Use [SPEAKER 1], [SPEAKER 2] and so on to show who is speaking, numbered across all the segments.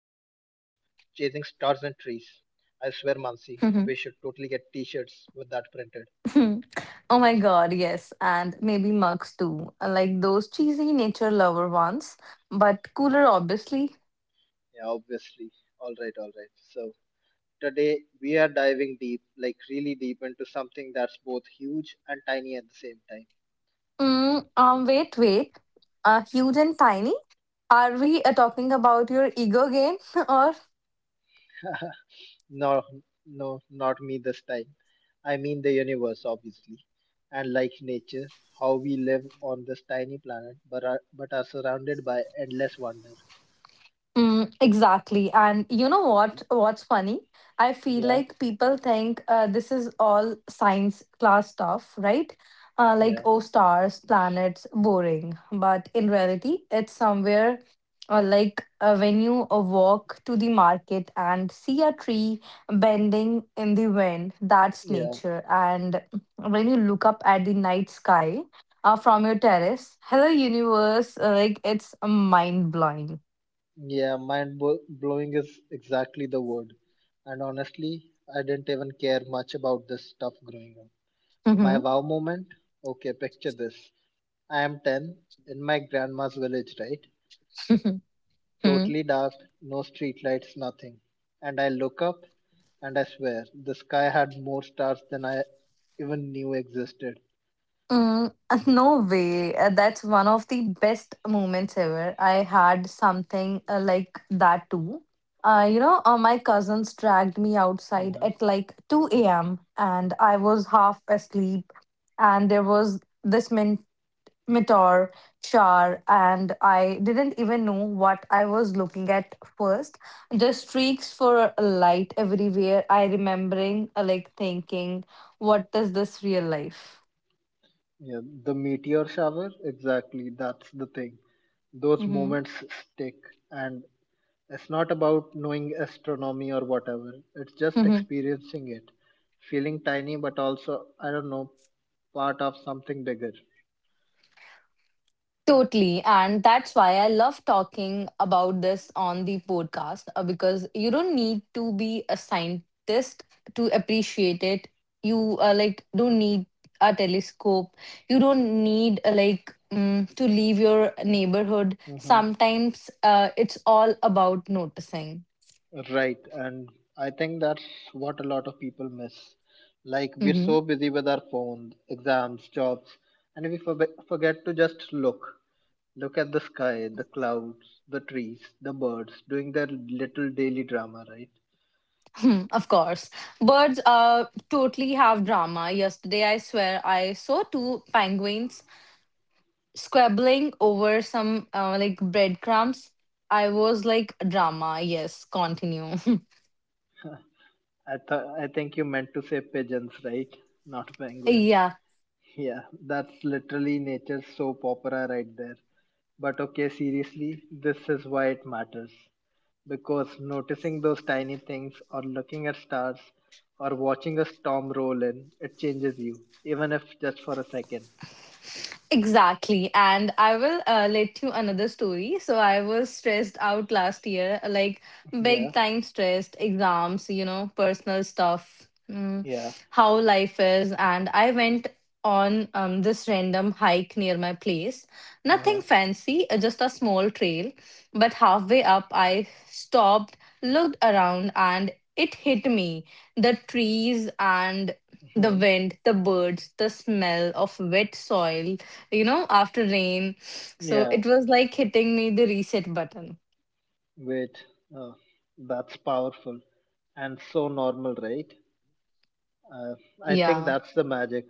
[SPEAKER 1] Stars and Trees. I swear, Mansi, we should totally
[SPEAKER 2] Mm-hmm.
[SPEAKER 1] get t-shirts with that printed.
[SPEAKER 2] Oh my God, yes. And maybe mugs too, like those cheesy nature lover ones, but cooler, obviously.
[SPEAKER 1] Yeah, obviously. All right, all right. So today we are diving deep, like really deep into something that's both huge and tiny at the same time.
[SPEAKER 2] Wait. Huge and tiny? Are we talking about your ego game or?
[SPEAKER 1] No, no, not me this time. I mean the universe, obviously, and like nature, how we live on this tiny planet, but are surrounded by endless wonder.
[SPEAKER 2] Mm, exactly. And you know what? What's funny? I feel
[SPEAKER 1] Yeah,
[SPEAKER 2] like people think this is all science class stuff, right? Like,
[SPEAKER 1] yeah.
[SPEAKER 2] oh, stars, planets, boring. But in reality, it's somewhere when you walk to the market and see a tree bending in the wind, that's
[SPEAKER 1] Yeah,
[SPEAKER 2] nature. And when you look up at the night sky from your terrace, hello, universe, like, it's mind blowing.
[SPEAKER 1] yeah, blowing is exactly the word. And honestly, I didn't even care much about this stuff growing up. My wow moment? Okay, picture this. I am 10, in my grandma's village, right?
[SPEAKER 2] Hmm. Mm,
[SPEAKER 1] Totally dark, no streetlights, nothing. And I look up, and I swear, the sky had more stars than I even knew existed.
[SPEAKER 2] uh, no way. That's one of the best moments ever. I had something like that too. You know, my cousins dragged me outside
[SPEAKER 1] Uh-huh.
[SPEAKER 2] at like 2 a.m. and I was half asleep. And there was this meteor shower, and I didn't even know what I was looking at first. The streaks for light everywhere. I remembering like thinking, what is this real life?
[SPEAKER 1] Yeah, the meteor shower? Exactly, that's the thing. Those
[SPEAKER 2] Mm-hmm.
[SPEAKER 1] moments stick, and it's not about knowing astronomy or whatever. It's just
[SPEAKER 2] Mm-hmm.
[SPEAKER 1] experiencing it, feeling tiny, but also I don't know, part of something bigger.
[SPEAKER 2] Totally. And that's why I love talking about this on the podcast because you don't need to be a scientist to appreciate it. You like don't need a telescope. You don't need to leave your neighborhood.
[SPEAKER 1] Hmm
[SPEAKER 2] Sometimes it's all about noticing.
[SPEAKER 1] Right, and I think that's what a lot of people miss. Like we're
[SPEAKER 2] Mm-hmm.
[SPEAKER 1] so busy with our phones, exams, jobs, and we forget to just look. Look at the sky, the clouds, the trees, the birds, doing their little daily drama, right?
[SPEAKER 2] Of course. Birds totally have drama. Yesterday I swear I saw two penguins squabbling over some like breadcrumbs. I was like, drama, yes, continue.
[SPEAKER 1] I think you meant to say pigeons, right? Not penguins.
[SPEAKER 2] Yeah.
[SPEAKER 1] Yeah, that's literally nature's soap opera right there. But okay, seriously, this is why it matters. Because noticing those tiny things, or looking at stars, or watching a storm roll in, it changes you, even if just for a second.
[SPEAKER 2] Exactly. And I will let you another story. So I was stressed out last year, like
[SPEAKER 1] Yeah,
[SPEAKER 2] big time stressed, exams, you know, personal stuff,
[SPEAKER 1] yeah,
[SPEAKER 2] how life is. And I went on this random hike near my place.
[SPEAKER 1] uh huh,
[SPEAKER 2] Nothing fancy, just a small trail. But halfway up, I stopped, looked around, and it hit me. The trees and the
[SPEAKER 1] hmm
[SPEAKER 2] wind, the birds, the smell of wet soil, you know, after rain. So
[SPEAKER 1] yeah.
[SPEAKER 2] it was like hitting me the reset button.
[SPEAKER 1] Wait, oh, that's powerful and so normal, right? Uh, I think
[SPEAKER 2] Yeah.
[SPEAKER 1] that's the magic.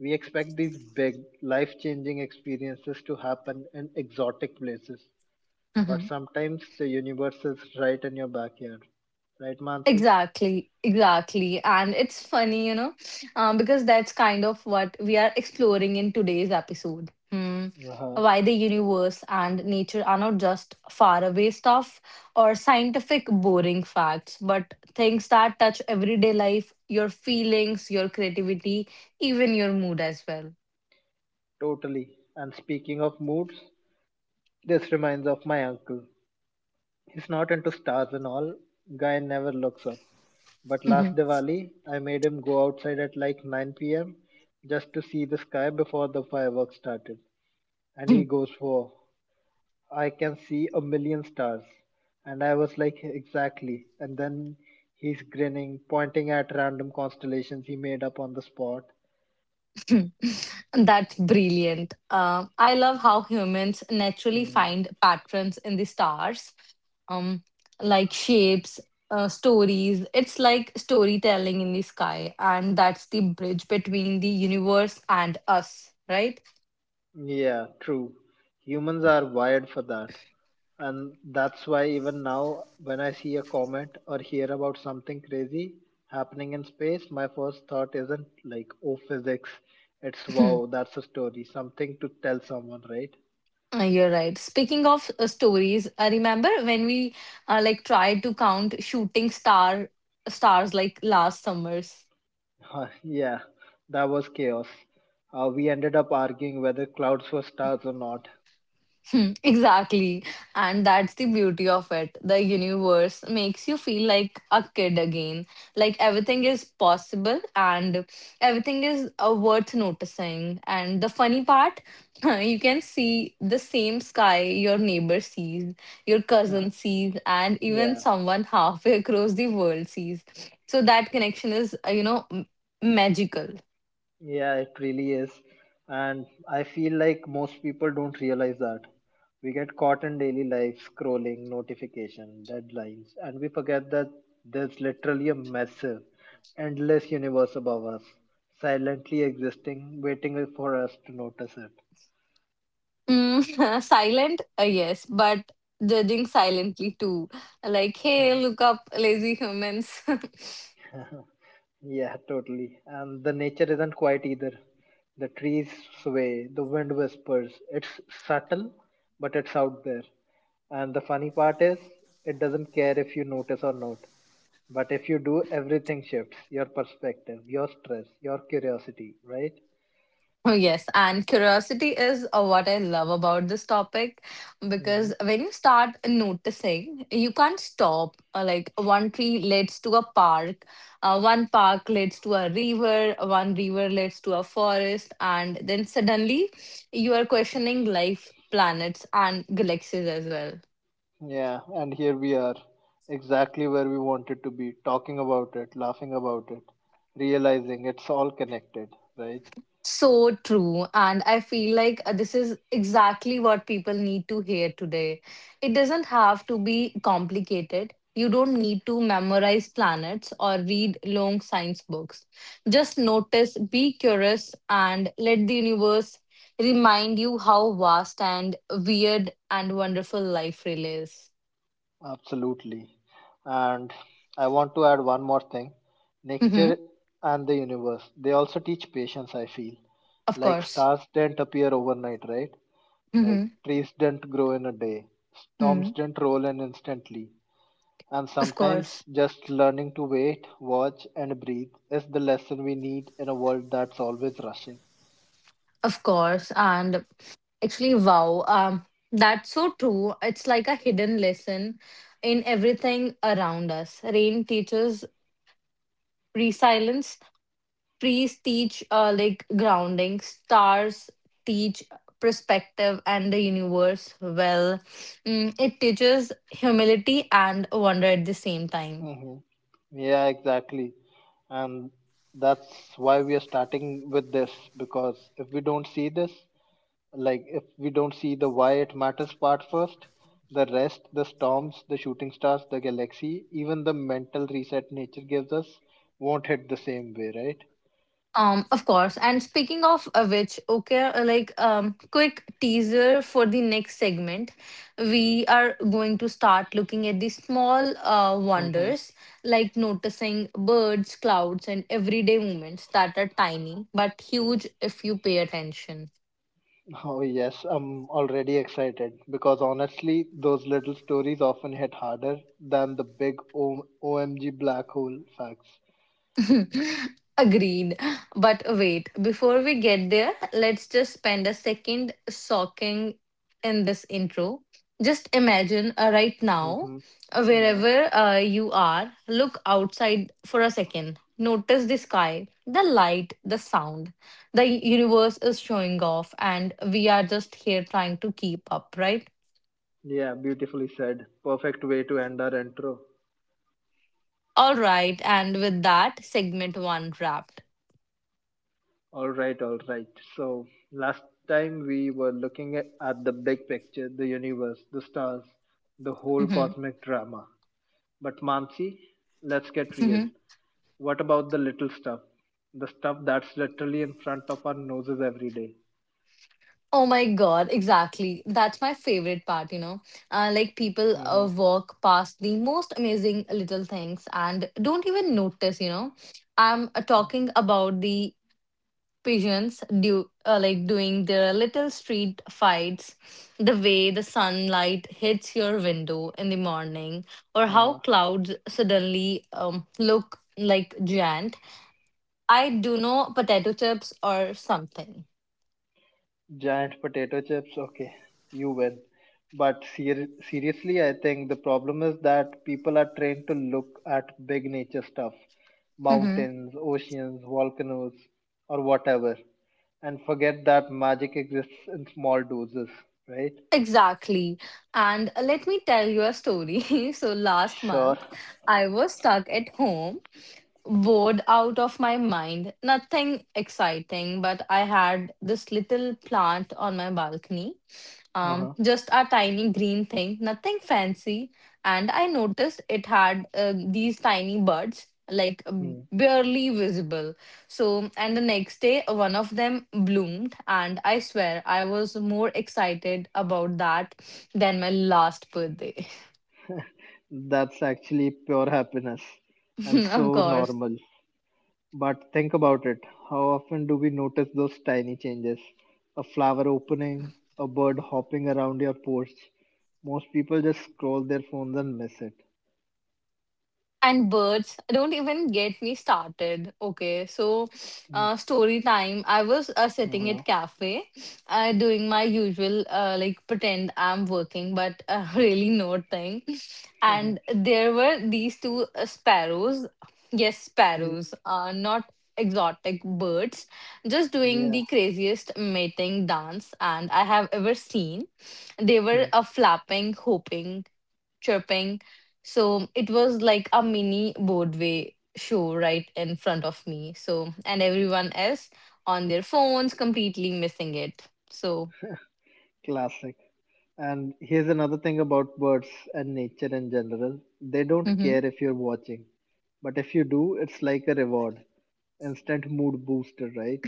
[SPEAKER 1] We expect these big, life changing experiences to happen in exotic places, but
[SPEAKER 2] Hmm.
[SPEAKER 1] sometimes the universe is right in your backyard. Right, Mansi?
[SPEAKER 2] Exactly, exactly. And it's funny, you know, because that's kind of what we are exploring in today's episode. Hmm.
[SPEAKER 1] Uh huh.
[SPEAKER 2] Why the universe and nature are not just faraway stuff or scientific boring facts, but things that touch everyday life, your feelings, your creativity, even your mood as well.
[SPEAKER 1] Totally. And speaking of moods, this reminds of my uncle. He's not into stars and all, guy never looks up. But
[SPEAKER 2] Hmm.
[SPEAKER 1] last Diwali, I made him go outside at like 9 p.m. just to see the sky before the fireworks started. And he goes for I can see a million stars. And I was like, exactly. And then he's grinning, pointing at random constellations he made up on the spot.
[SPEAKER 2] That's brilliant. I love how humans naturally
[SPEAKER 1] Hmm.
[SPEAKER 2] find patterns in the stars, um, like shapes, stories. It's like storytelling in the sky, and that's the bridge between the universe and us, right?
[SPEAKER 1] Yeah, true. Humans are wired for that. And that's why even now, when I see a comet or hear about something crazy happening in space, my first thought isn't like, oh, physics. It's wow, that's a story, something to tell someone, right?
[SPEAKER 2] You're right. Speaking of stories, I remember when we like tried to count shooting star stars like last summers.
[SPEAKER 1] Huh, yeah, that was chaos. We ended up arguing whether clouds were stars or not.
[SPEAKER 2] Hmm, exactly. And that's the beauty of it. The universe makes you feel like a kid again. Like everything is possible and everything is worth noticing. And the funny part, you can see the same sky your neighbor sees, your cousin sees, and even
[SPEAKER 1] Yeah,
[SPEAKER 2] someone halfway across the world sees. So that connection is, you know, magical.
[SPEAKER 1] yeah, it really is. And I feel like most people don't realize that. We get caught in daily life, scrolling, notification, deadlines, and we forget that there's literally a massive, endless universe above us, silently existing, waiting for us to notice it.
[SPEAKER 2] Mm, silent, yes, but judging silently too. Like, hey, look up, lazy humans.
[SPEAKER 1] Yeah, totally. And the nature isn't quiet either. The trees sway, the wind whispers. It's subtle, but it's out there. And the funny part is, it doesn't care if you notice or not. But if you do, everything shifts your perspective, your stress, your curiosity, right?
[SPEAKER 2] Oh, yes, and curiosity is what I love about this topic
[SPEAKER 1] hmm
[SPEAKER 2] because when you start noticing, you can't stop. Like, one tree leads to a park, one park leads to a river, one river leads to a forest, and then suddenly you are questioning life, planets, and galaxies as well.
[SPEAKER 1] Yeah, and here we are, exactly where we wanted to be, talking about it, laughing about it, realizing it's all connected, right?
[SPEAKER 2] So true. And I feel like this is exactly what people need to hear today. It doesn't have to be complicated. You don't need to memorize planets or read long science books. Just notice, be curious, and let the universe remind you how vast and weird and wonderful life really is.
[SPEAKER 1] Absolutely. And I want to add one more thing.
[SPEAKER 2] Hmm.
[SPEAKER 1] Nature and the universe, they also teach patience, I feel.
[SPEAKER 2] Of
[SPEAKER 1] Like
[SPEAKER 2] course.
[SPEAKER 1] stars didn't appear overnight, right? Like
[SPEAKER 2] Hmm.
[SPEAKER 1] trees didn't grow in a day.
[SPEAKER 2] Hmm.
[SPEAKER 1] Storms didn't roll in instantly. And
[SPEAKER 2] Of course.
[SPEAKER 1] sometimes just learning to wait, watch, and breathe is the lesson we need in a world that's always rushing.
[SPEAKER 2] Of course. And Actually, wow. That's so true. It's like a hidden lesson in everything around us. Rain teaches resilience, trees teach like grounding, stars teach perspective and the universe well. Mm, it teaches humility and wonder at the same time.
[SPEAKER 1] Hmm Yeah, exactly. And that's why we are starting with this, because if we don't see this, like if we don't see the why it matters part first, the rest, the storms, the shooting stars, the galaxy, even the mental reset nature gives us, won't hit the same way, right?
[SPEAKER 2] Of course. And speaking of which, okay, quick teaser for the next segment. We are going to start looking at the small
[SPEAKER 1] hmm
[SPEAKER 2] wonders, like noticing birds, clouds, and everyday moments that are tiny but huge if you pay attention.
[SPEAKER 1] oh yes, I'm already excited, because honestly those little stories often hit harder than the big omg black hole facts.
[SPEAKER 2] Agreed. But wait, before we get there, let's just spend a second soaking in this intro. Just imagine right now,
[SPEAKER 1] Hmm
[SPEAKER 2] uh,
[SPEAKER 1] yeah,
[SPEAKER 2] wherever uh, you are, look outside for a second. Notice the sky, the light, the sound. The universe is showing off, and we are just here trying to keep up, right?
[SPEAKER 1] yeah, beautifully said, perfect way to end our intro.
[SPEAKER 2] All right, and with that, segment one wrapped.
[SPEAKER 1] All right, all right. So last time we were looking at the big picture, the universe, the stars, the whole cosmic drama. But Mamsi, let's get real. What about the little stuff? The stuff that's literally in front of our noses every day.
[SPEAKER 2] Oh my God, exactly. That's my favorite part, you know. Like people
[SPEAKER 1] Mm-hmm.
[SPEAKER 2] walk past the most amazing little things and don't even notice, you know. I'm talking about the pigeons do like doing their little street fights, the way the sunlight hits your window in the morning, or how clouds suddenly look like giant. I do know potato chips or something.
[SPEAKER 1] Giant potato chips, okay, you win. But seriously, I think the problem is that people are trained to look at big nature stuff,
[SPEAKER 2] Mm-hmm.
[SPEAKER 1] mountains, oceans, volcanoes, or whatever, and forget that magic exists in small doses, right?
[SPEAKER 2] Exactly. And let me tell you a story. So last
[SPEAKER 1] Sure.
[SPEAKER 2] month, I was stuck at home, bored out of my mind. Nothing exciting, but I had this little plant on my balcony
[SPEAKER 1] Uh-huh.
[SPEAKER 2] just a tiny green thing, nothing fancy. And I noticed it had these tiny buds, like
[SPEAKER 1] Hmm.
[SPEAKER 2] barely visible. So, and the next day, one of them bloomed, and I swear I was more excited about that than my last birthday.
[SPEAKER 1] That's actually pure happiness and
[SPEAKER 2] Of
[SPEAKER 1] so
[SPEAKER 2] course.
[SPEAKER 1] normal. But think about it. How often do we notice those tiny changes? A flower opening, a bird hopping around your porch. Most people just scroll their phones and miss it.
[SPEAKER 2] And birds, don't even get me started. Okay, so
[SPEAKER 1] Mm,
[SPEAKER 2] story time. I was sitting
[SPEAKER 1] uh-huh.
[SPEAKER 2] at cafe, doing my usual like pretend I'm working, but really not thing. And there were these two sparrows. Yes,
[SPEAKER 1] Y-
[SPEAKER 2] sparrows. Not exotic birds, just doing
[SPEAKER 1] yeah,
[SPEAKER 2] the craziest mating dance and I have ever seen. They were flapping, hopping chirping. So it was like a mini Broadway show right in front of me. So, and everyone else on their phones completely missing it. So,
[SPEAKER 1] classic. And here's another thing about birds and nature in general, they don't
[SPEAKER 2] mhm.
[SPEAKER 1] care if you're watching, but if you do, it's like a reward. Instant mood booster, right?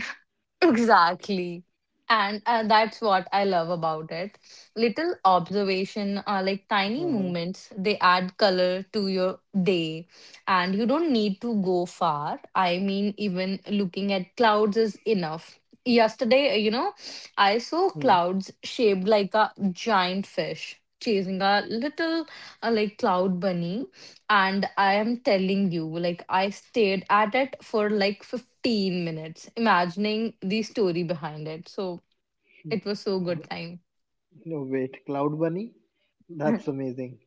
[SPEAKER 2] Exactly. And that's what I love about it. Little observation are like tiny
[SPEAKER 1] Uh-huh.
[SPEAKER 2] movements. They add color to your day. And you don't need to go far. I mean, even looking at clouds is enough. Yesterday, you know, I saw
[SPEAKER 1] Hmm.
[SPEAKER 2] clouds shaped like a giant fish chasing a little like cloud bunny and I am telling you, like, I stayed at it for like 15 minutes, imagining the story behind it. So it was so good time.
[SPEAKER 1] No, wait, Cloud Bunny? That's amazing.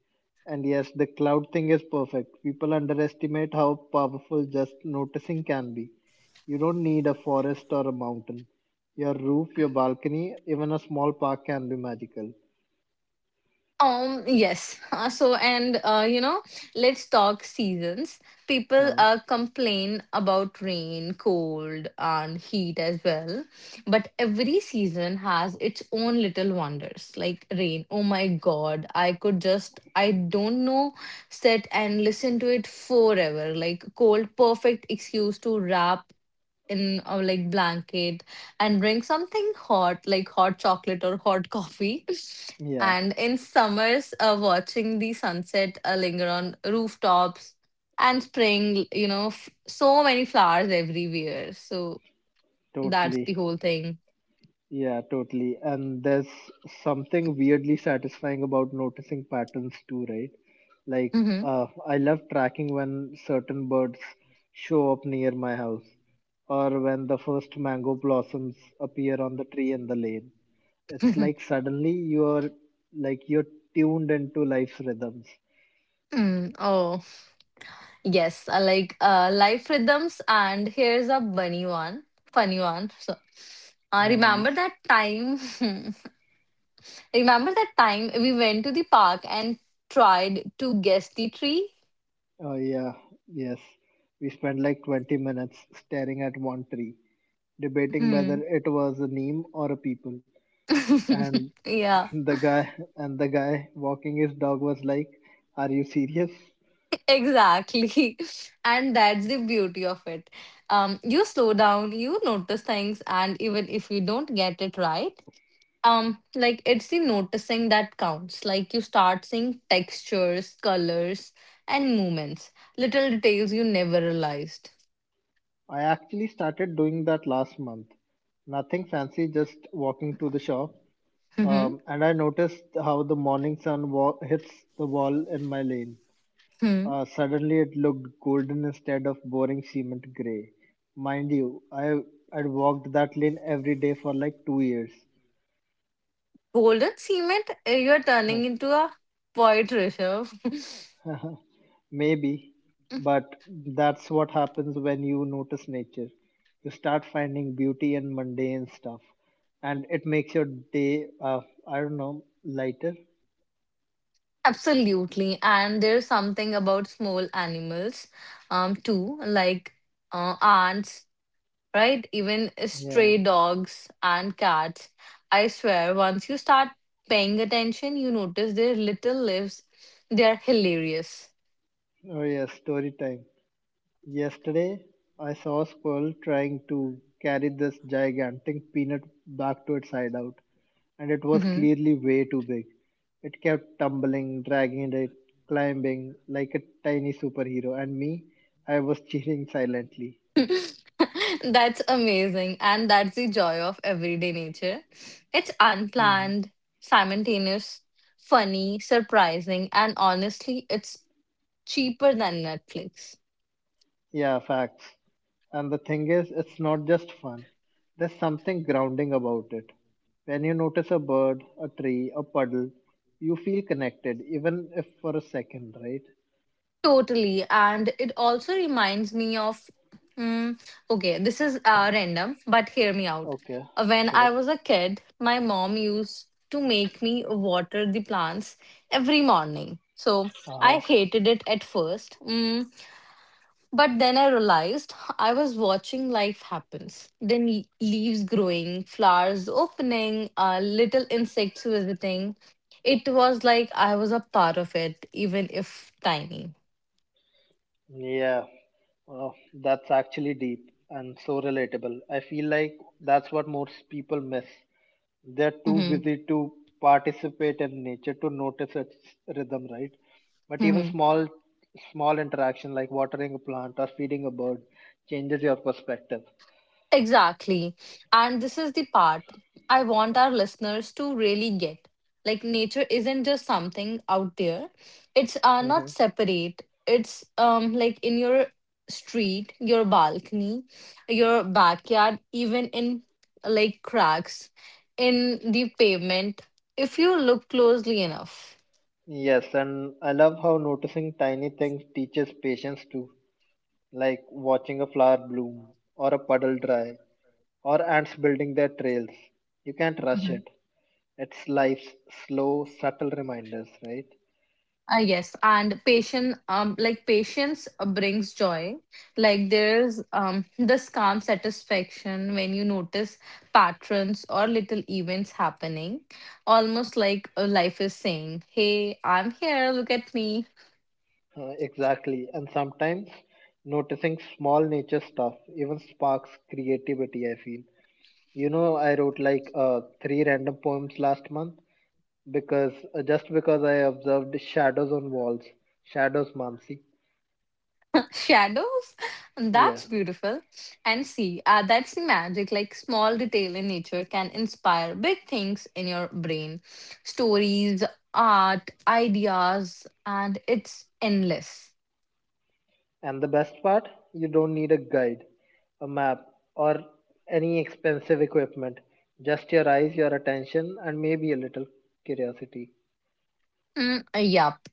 [SPEAKER 1] And yes, the cloud thing is perfect. People underestimate how powerful just noticing can be. You don't need a forest or a mountain. Your roof, your balcony, even a small park can be magical.
[SPEAKER 2] Yes. So, and you know, let's talk seasons. People
[SPEAKER 1] Uh,
[SPEAKER 2] complain about rain, cold, and heat as well. But every season has its own little wonders, like rain. Oh my God, I could just, I don't know, sit and listen to it forever. Like cold, perfect excuse to wrap in like blanket and drink something hot like hot chocolate or hot coffee
[SPEAKER 1] yeah,
[SPEAKER 2] and in summers watching the sunset linger on rooftops and spring you know so many flowers everywhere so that's
[SPEAKER 1] totally.
[SPEAKER 2] the whole thing.
[SPEAKER 1] Yeah, totally. And there's something weirdly satisfying about noticing patterns too, right? Like,
[SPEAKER 2] Hmm.
[SPEAKER 1] I love tracking when certain birds show up near my house or when the first mango blossoms appear on the tree in the lane. It's like suddenly you're tuned into life's rhythms.
[SPEAKER 2] mm, oh yes life rhythms and here's a bunny one funny one so I
[SPEAKER 1] No worries.
[SPEAKER 2] remember that time remember that time we went to the park and tried to guess the tree?
[SPEAKER 1] Oh yeah, yes. We spent like 20 minutes staring at one tree, debating whether
[SPEAKER 2] Hmm.
[SPEAKER 1] it was a neem or a people, and
[SPEAKER 2] Yeah.
[SPEAKER 1] The guy the guy walking his dog was like, are you serious?
[SPEAKER 2] Exactly. And that's the beauty of it. You slow down, you notice things, and even if you don't get it right, like it's the noticing that counts. Like you start seeing textures, colors, and movements, little details you never realized.
[SPEAKER 1] I actually started doing that last month. Nothing fancy, just walking to the shop.
[SPEAKER 2] Mm-hmm.
[SPEAKER 1] And I noticed how the morning hits the wall in my lane.
[SPEAKER 2] Hmm.
[SPEAKER 1] Suddenly, it looked golden instead of boring cement gray. Mind you, I'd walked that lane every day for like 2 years.
[SPEAKER 2] Golden cement, you're turning into a poet, Rishabh.
[SPEAKER 1] Maybe, but that's what happens when you notice nature. You start finding beauty in mundane stuff, and it makes your day, I don't know, lighter.
[SPEAKER 2] Absolutely. And there's something about small animals, too, like ants, right? Even
[SPEAKER 1] Yeah.
[SPEAKER 2] stray dogs and cats. I swear, once you start paying attention, you notice their little lives. They're hilarious.
[SPEAKER 1] Oh, yes, story time. Yesterday, I saw a squirrel trying to carry this gigantic peanut back to its hideout, and it was
[SPEAKER 2] Hmm.
[SPEAKER 1] clearly way too big. It kept tumbling, dragging it, climbing like a tiny superhero, and me, I was cheering silently.
[SPEAKER 2] That's amazing. And that's the joy of everyday nature. It's
[SPEAKER 1] Mhm.
[SPEAKER 2] unplanned, simultaneous, funny, surprising, and honestly, it's cheaper than Netflix.
[SPEAKER 1] Yeah, facts. And the thing is, it's not just fun. There's something grounding about it. When you notice a bird, a tree, a puddle, you feel connected, even if for a second, right?
[SPEAKER 2] Totally. And it also reminds me of, mm, okay, this is random, but hear me out.
[SPEAKER 1] Okay,
[SPEAKER 2] When I
[SPEAKER 1] sure.
[SPEAKER 2] was a kid, my mom used to make me water the plants every morning. So I
[SPEAKER 1] Uh-huh.
[SPEAKER 2] hated it at first. But then I realized I was watching life happens. Then leaves growing, flowers opening, little insects visiting. It was like I was a part of it, even if tiny.
[SPEAKER 1] Yeah, that's actually deep and so relatable. I feel like that's what most people miss. They're too
[SPEAKER 2] Mm-hmm.
[SPEAKER 1] busy to participate in nature to notice its rhythm, right? But even
[SPEAKER 2] Hmm.
[SPEAKER 1] small interaction like watering a plant or feeding a bird changes your perspective.
[SPEAKER 2] Exactly. And this is the part I want our listeners to really get. Like, nature isn't just something out there, it's
[SPEAKER 1] Hmm
[SPEAKER 2] not separate. It's like in your street, your balcony, your backyard, even in like cracks in the pavement, if you look closely enough.
[SPEAKER 1] Yes, and I love how noticing tiny things teaches patience too, like watching a flower bloom, or a puddle dry, or ants building their trails. You can't rush it. It's life's slow, subtle reminders, right?
[SPEAKER 2] Yes, and patient, patience brings joy. Like there's this calm satisfaction when you notice patterns or little events happening, almost like life is saying, "Hey, I'm here. Look at me."
[SPEAKER 1] Exactly. And sometimes noticing small nature stuff even sparks creativity, I feel. You know, I wrote like three random poems last month because just because I observed shadows on walls. Shadows, Mamsi.
[SPEAKER 2] Shadows, and
[SPEAKER 1] Yeah.
[SPEAKER 2] that's beautiful. And see, that's the magic. Like small detail in nature can inspire big things in your brain, stories, art, ideas, and it's endless.
[SPEAKER 1] And the best part, you don't need a guide, a map, or any expensive equipment. Just your eyes, your attention, and maybe a little curiosity.
[SPEAKER 2] Mm, yup.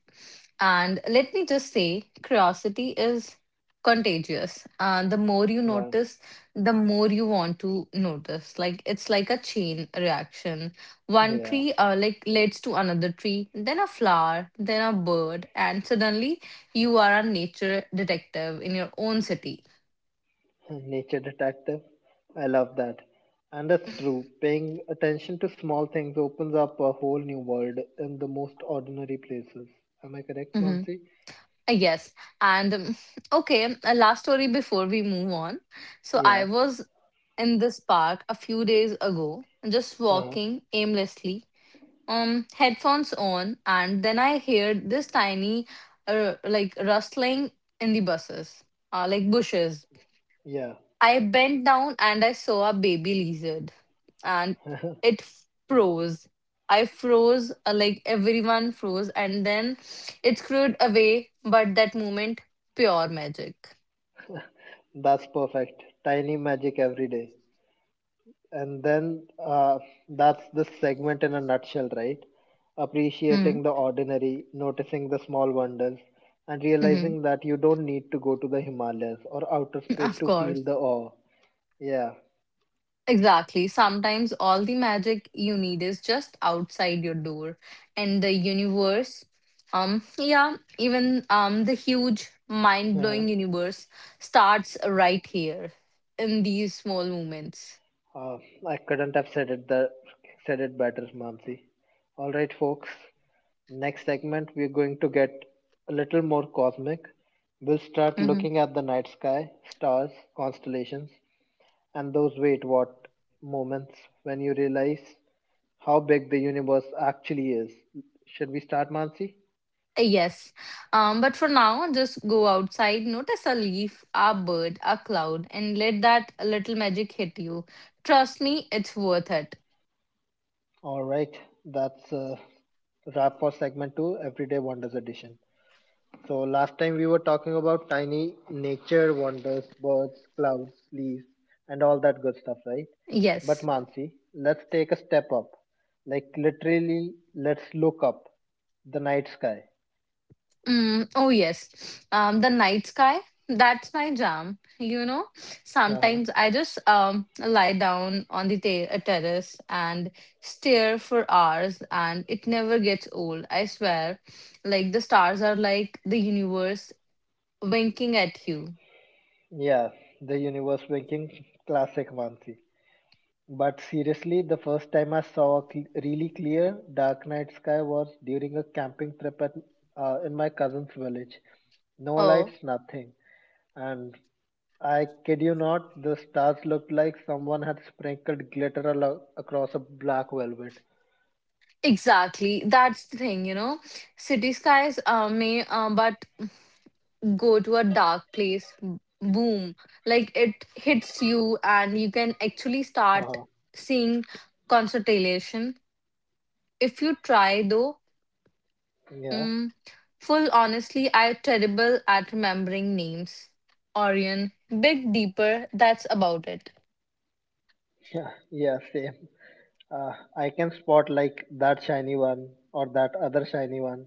[SPEAKER 2] And let me just say, curiosity is contagious. The more you
[SPEAKER 1] Uh,
[SPEAKER 2] notice, the more you want to notice. Like it's like a chain reaction. One
[SPEAKER 1] yeah.
[SPEAKER 2] tree, like leads to another tree, then a flower, then a bird, and suddenly you are a nature detective in your own city.
[SPEAKER 1] Nature detective. I love that. And that's true. Paying attention to small things opens up a whole new world in the most ordinary places. Am I correct,
[SPEAKER 2] Mm-hmm.
[SPEAKER 1] Mansi?
[SPEAKER 2] Yes. And okay, a last story before we move on. So I
[SPEAKER 1] Yeah.
[SPEAKER 2] was in this park a few days ago, just
[SPEAKER 1] Uh-huh.
[SPEAKER 2] walking aimlessly, headphones on, and then I heard this tiny, like rustling in the bushes. uh, like bushes.
[SPEAKER 1] Yeah.
[SPEAKER 2] I bent down and I saw a baby lizard, and it froze. I froze, like everyone froze, and then it screwed away. But that moment, pure magic.
[SPEAKER 1] That's perfect. Tiny magic every day. And then that's this segment in a nutshell, right?
[SPEAKER 2] Hmm.
[SPEAKER 1] Appreciating the ordinary, noticing the small wonders, and
[SPEAKER 2] Mm-hmm.
[SPEAKER 1] realizing that you don't need to go to the Himalayas or outer space
[SPEAKER 2] Of
[SPEAKER 1] to
[SPEAKER 2] course.
[SPEAKER 1] feel the awe. Yeah.
[SPEAKER 2] Exactly. Sometimes all the magic you need is just outside your door. And the universe, yeah, even the huge mind-blowing universe starts right here in these small moments.
[SPEAKER 1] Uh, I couldn't have said it better, Mamsi. All right, folks. Next segment, we're going to get a little more cosmic. We'll start
[SPEAKER 2] Mhm.
[SPEAKER 1] looking at the night sky, stars, constellations, and those wait what moments when you realize how big the universe actually is. Should we start, Mansi?
[SPEAKER 2] Yes. But for now, just go outside, notice a leaf, a bird, a cloud, and let that little magic hit you. Trust me, it's worth it.
[SPEAKER 1] All right, that's a wrap for segment two, Everyday Wonders Edition. So last time we were talking about tiny nature wonders, birds, clouds, leaves, and all that good stuff, right? But
[SPEAKER 2] Yes.
[SPEAKER 1] Mansi, let's take a step up. Like literally, let's look up the night sky.
[SPEAKER 2] Oh yes, the night sky. That's my jam. You know,
[SPEAKER 1] Uh-huh.
[SPEAKER 2] sometimes I just lie down on the terrace and stare for hours, and it never gets old. I swear, like the stars are like the universe winking at you.
[SPEAKER 1] Yeah, the universe winking, classic Mansi. But seriously, the first time I saw a really clear dark night sky was during a camping trip at, in my cousin's village. No
[SPEAKER 2] Oh,
[SPEAKER 1] lights, nothing. And I kid you not, the stars looked like someone had sprinkled glitter across a black velvet.
[SPEAKER 2] exactly. That's the thing. You know, city skies. May, but go to a dark place boom, like it hits you and you can actually start
[SPEAKER 1] Uh-huh.
[SPEAKER 2] seeing constellation if you try though.
[SPEAKER 1] Yeah,
[SPEAKER 2] Mm, full honestly, I terrible at remembering names. Orion, Big Deeper, that's about it.
[SPEAKER 1] yeah, yeah, same. I can spot like that shiny one or that other shiny one.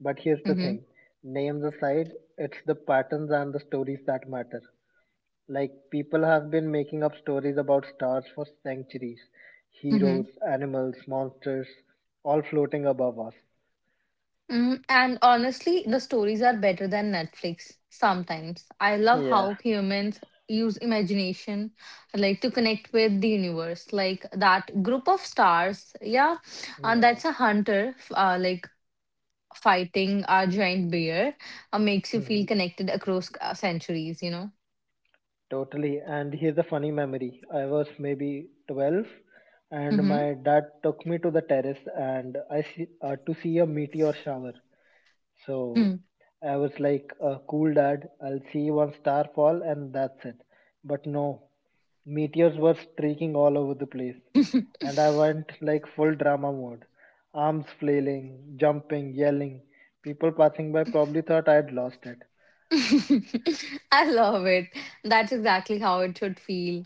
[SPEAKER 1] But here's the
[SPEAKER 2] Mm-hmm.
[SPEAKER 1] thing, names aside, it's the patterns and the stories that matter. Like, people have been making up stories about stars for centuries,
[SPEAKER 2] Mm-hmm.
[SPEAKER 1] heroes, animals, monsters, all floating above us.
[SPEAKER 2] And honestly, the stories are better than Netflix sometimes. I love
[SPEAKER 1] Yeah,
[SPEAKER 2] how humans use imagination like to connect with the universe, like that group of stars, yeah, and
[SPEAKER 1] yeah.
[SPEAKER 2] that's a hunter fighting a giant bear, makes you feel connected across centuries, you know.
[SPEAKER 1] Totally. And here's a funny memory. I was maybe 12 and
[SPEAKER 2] Mm-hmm.
[SPEAKER 1] my dad took me to the terrace and to see a meteor shower. So I was like, cool dad, I'll see one star fall and that's it. But no, meteors were streaking all over the place. And I went like full drama mode. Arms flailing, jumping, yelling. People passing by probably thought I'd lost it.
[SPEAKER 2] I love it. That's exactly how it should feel.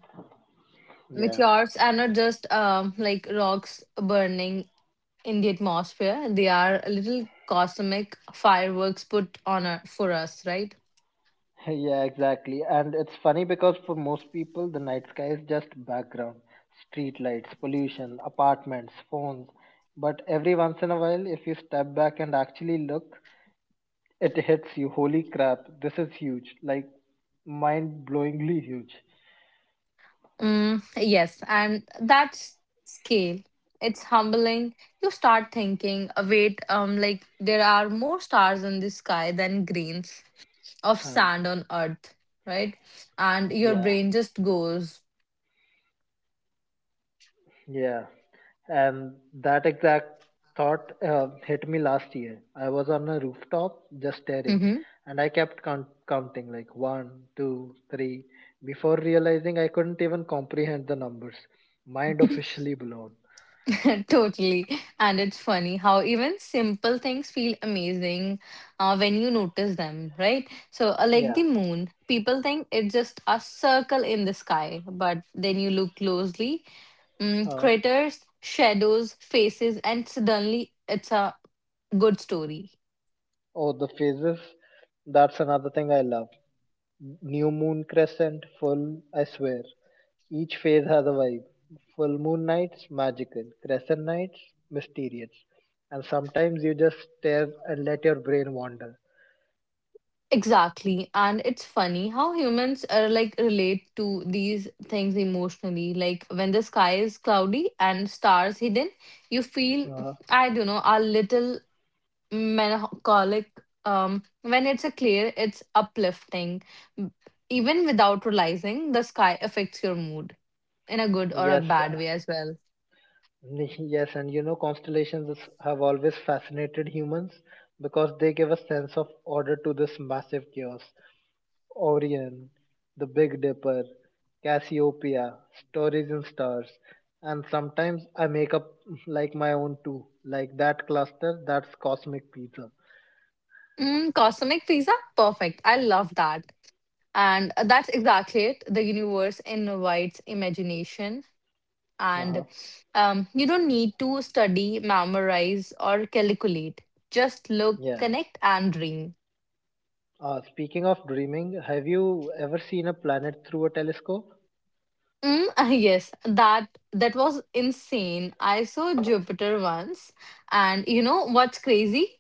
[SPEAKER 1] Yeah.
[SPEAKER 2] Meteors are not just like rocks burning in the atmosphere. They are a little cosmic fireworks put on a, for us, right?
[SPEAKER 1] Yeah, exactly. And it's funny because for most people, the night sky is just background, street lights, pollution, apartments, phones. But every once in a while, if you step back and actually look, it hits you. Holy crap, this is huge. Like mind blowingly huge.
[SPEAKER 2] Mm, yes, and that's scale. It's humbling. You start thinking, "Wait, like there are more stars in the sky than grains of
[SPEAKER 1] Huh.
[SPEAKER 2] sand on Earth, right? And your
[SPEAKER 1] Yeah.
[SPEAKER 2] brain just goes,
[SPEAKER 1] Yeah, and that exact thought hit me last year. I was on a rooftop just staring,
[SPEAKER 2] mm-hmm.
[SPEAKER 1] and I kept counting like one, two, three, before realizing I couldn't even comprehend the numbers. Mind officially blown.
[SPEAKER 2] Totally. And it's funny how even simple things feel amazing when you notice them, right? So, like
[SPEAKER 1] Yeah.
[SPEAKER 2] the moon, people think it's just a circle in the sky, but then you look closely,
[SPEAKER 1] Uh,
[SPEAKER 2] craters, shadows, faces, and suddenly it's a good story.
[SPEAKER 1] oh, the phases. That's another thing I love. New moon crescent, full, I swear. Each phase has a vibe. Full moon nights, magical. Crescent nights, mysterious. And sometimes you just stare and let your brain wander.
[SPEAKER 2] Exactly. And it's funny how humans are like relate to these things emotionally. Like when the sky is cloudy and stars hidden, you feel,
[SPEAKER 1] Uh,
[SPEAKER 2] I don't know, a little melancholic. When it's a clear, it's uplifting. M- Even without realizing, the sky affects your mood in a good or a
[SPEAKER 1] yes,
[SPEAKER 2] bad
[SPEAKER 1] uh,
[SPEAKER 2] way as well.
[SPEAKER 1] yes, and you know, have always fascinated humans because they give a sense of order to this massive chaos. Orion, the Big Dipper, Cassiopeia, stories in stars, and sometimes I make up like my own too, like that cluster that's cosmic pizza.
[SPEAKER 2] Mm, cosmic pizza? Perfect. I love that. And that's exactly it. The universe invites imagination and
[SPEAKER 1] Uh-huh.
[SPEAKER 2] you don't need to study, memorize, or calculate. Just look,
[SPEAKER 1] Yeah.
[SPEAKER 2] connect, and dream.
[SPEAKER 1] Speaking of dreaming, have you ever seen a planet through a telescope?
[SPEAKER 2] Mm, yes, that was insane. I saw Jupiter once, and you know what's crazy?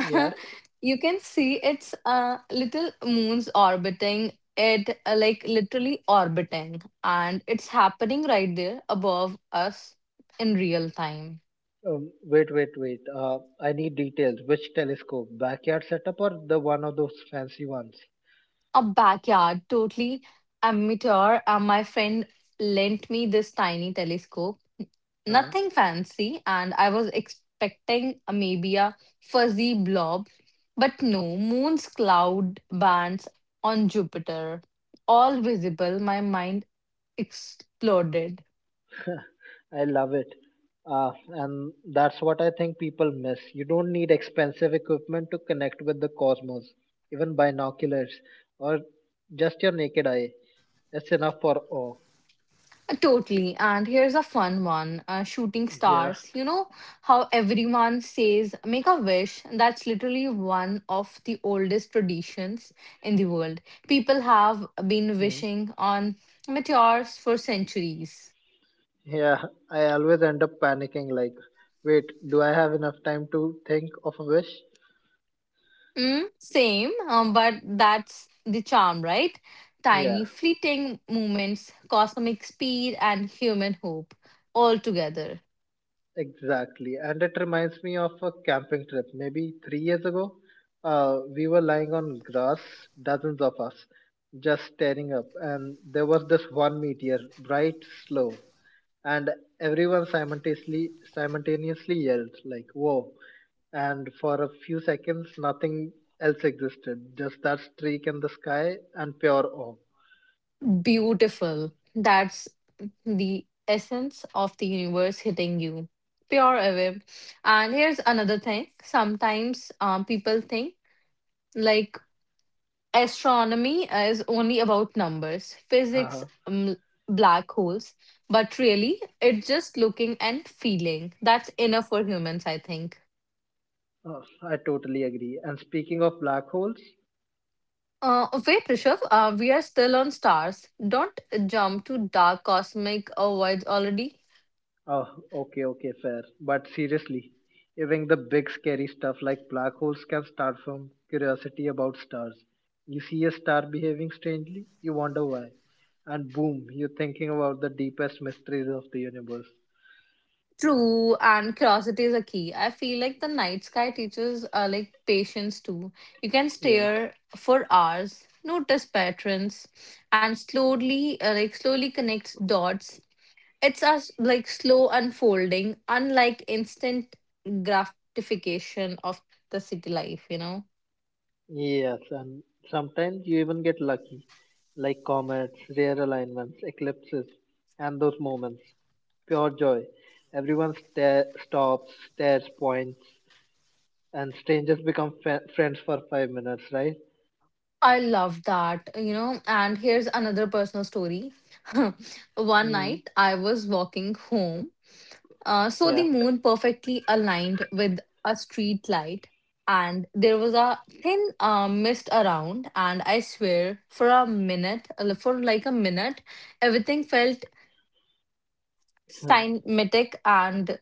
[SPEAKER 2] You can see its little moons orbiting it, like literally orbiting, and it's happening right there above us in real time.
[SPEAKER 1] Wait, wait, wait. I need details. Which telescope? Backyard setup or the one of those fancy ones?
[SPEAKER 2] A backyard, totally amateur. My friend lent me this tiny telescope,
[SPEAKER 1] Uh,
[SPEAKER 2] nothing fancy, and I was expecting a, maybe a fuzzy blob, but no, moon's cloud bands on Jupiter, all visible. My mind exploded.
[SPEAKER 1] I love it. And that's what I think people miss. You don't need expensive equipment to connect with the cosmos, even binoculars or just your naked eye. It's enough for awe.
[SPEAKER 2] Totally. And here's a fun one, shooting
[SPEAKER 1] Yeah.
[SPEAKER 2] stars. You know how everyone says, make a wish? That's literally one of the oldest traditions in the world. People have been
[SPEAKER 1] Hmm.
[SPEAKER 2] wishing on meteors for centuries.
[SPEAKER 1] Yeah, I always end up panicking like, wait, do I have enough time to think of a wish?
[SPEAKER 2] Mm, same, but that's the charm, right?
[SPEAKER 1] Yeah,
[SPEAKER 2] Tiny, fleeting moments, cosmic speed, and human hope all together.
[SPEAKER 1] exactly. And it reminds me of a camping trip. Maybe 3 years ago, we were lying on grass, dozens of us, just staring up, and there was this one meteor, bright, slow, and everyone simultaneously yelled like, "Whoa!" And for a few seconds, nothing else existed, just that streak in the sky and pure awe.
[SPEAKER 2] Beautiful. That's the essence of the universe hitting you. Pure away. And here's another thing. Sometimes people think like astronomy is only about numbers, physics,
[SPEAKER 1] Uh-huh.
[SPEAKER 2] black holes. But really, it's just looking and feeling. That's enough for humans, I think.
[SPEAKER 1] I totally agree. And speaking of black holes,
[SPEAKER 2] Wait, Rishabh, we are still on stars. Don't jump to dark cosmic voids already.
[SPEAKER 1] oh, okay, okay, fair. But seriously, even the big scary stuff like black holes can start from curiosity about stars. You see a star behaving strangely, you wonder why. And boom, you're thinking about the deepest mysteries of the universe.
[SPEAKER 2] True, and curiosity is a key. I feel like the night sky teaches like patience too. You can
[SPEAKER 1] Yeah.
[SPEAKER 2] stare for hours, notice patterns, and slowly connect dots. It's a slow unfolding, unlike instant gratification of the city life. You know,
[SPEAKER 1] Yes, and sometimes you even get lucky, like comets, rare alignments, eclipses, and those moments. Pure joy. Everyone stops, stares, points, and strangers become friends for 5 minutes, right?
[SPEAKER 2] I love that. You know, and here's another personal story. One
[SPEAKER 1] Mm,
[SPEAKER 2] night I was walking home. So the
[SPEAKER 1] yeah.
[SPEAKER 2] moon perfectly aligned with a street light, and there was a thin mist around. And I swear, for like a minute, everything felt
[SPEAKER 1] oh,
[SPEAKER 2] cymatic, and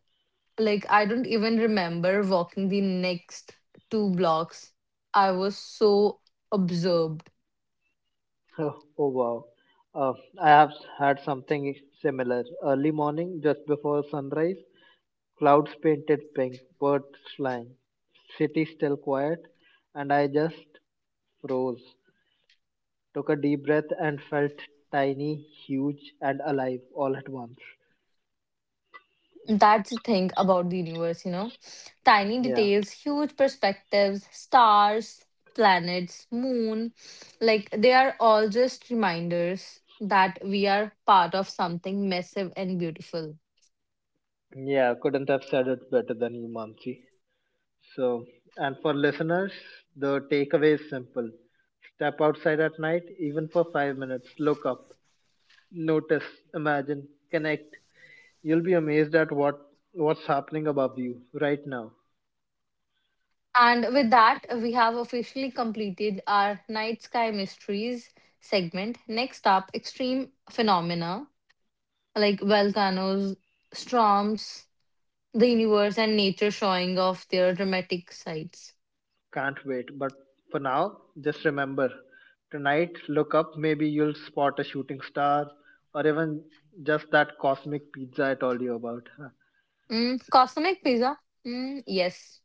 [SPEAKER 2] like I don't even remember walking the next 2 blocks. I was so absorbed.
[SPEAKER 1] oh, wow. Uh, I have had something similar. Early morning, just before sunrise, clouds painted pink, birds flying, city still quiet, and I just froze, took a deep breath and felt tiny, huge, and alive all at once.
[SPEAKER 2] That's the thing about the universe, you know. Tiny
[SPEAKER 1] Yeah,
[SPEAKER 2] details, huge perspectives, stars, planets, moon, like they are all just reminders that we are part of something massive and beautiful.
[SPEAKER 1] yeah, couldn't have said it better than you, Mansi. So, and for listeners, the takeaway is simple, step outside at night, even for 5 minutes, look up, notice, imagine, connect. You'll be amazed at what what's happening above you right now.
[SPEAKER 2] And with that, we have officially completed our Night Sky Mysteries segment. Next up, extreme phenomena like volcanoes, storms, the universe, and nature showing off their dramatic sides.
[SPEAKER 1] Can't wait. But for now, just remember, tonight, look up. Maybe you'll spot a shooting star or even just that cosmic pizza I told you about. Huh.
[SPEAKER 2] Mm, cosmic pizza? Mm, yes.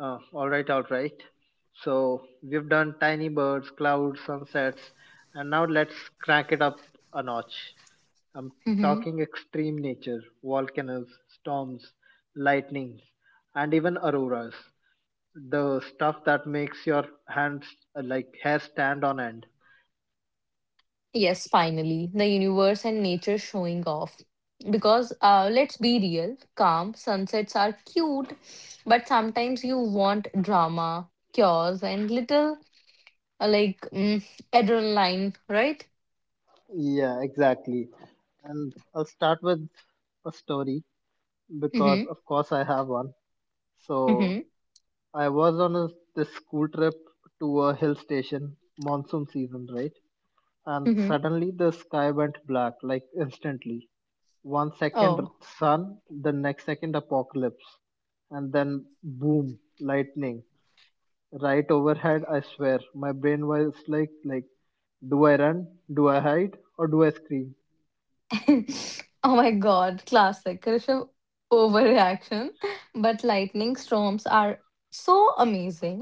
[SPEAKER 1] All right, all right. So we've done tiny birds, clouds, sunsets, and now let's crank it up a notch. I'm
[SPEAKER 2] Hmm.
[SPEAKER 1] talking extreme nature, volcanoes, storms, lightnings, and even auroras. The stuff that makes your hands like hair stand on end.
[SPEAKER 2] Yes, finally. The universe and nature showing off. Because let's be real, calm sunsets are cute, but sometimes you want drama, chaos, and little uh, like mm, adrenaline, right?
[SPEAKER 1] Yeah, exactly. And I'll start with a story
[SPEAKER 2] Mm-hmm.
[SPEAKER 1] because, of course, I have one. So
[SPEAKER 2] Mm-hmm.
[SPEAKER 1] I was on this school trip to a hill station, monsoon season, right? And
[SPEAKER 2] Mm-hmm.
[SPEAKER 1] suddenly the sky went black, like instantly. 1 second
[SPEAKER 2] Oh.
[SPEAKER 1] sun, the next second apocalypse, and then boom, lightning right overhead. I swear, my brain was like, do I run? Do I hide? Or do I scream?
[SPEAKER 2] Oh my god, classic. Rishabh overreaction. But lightning storms are so amazing.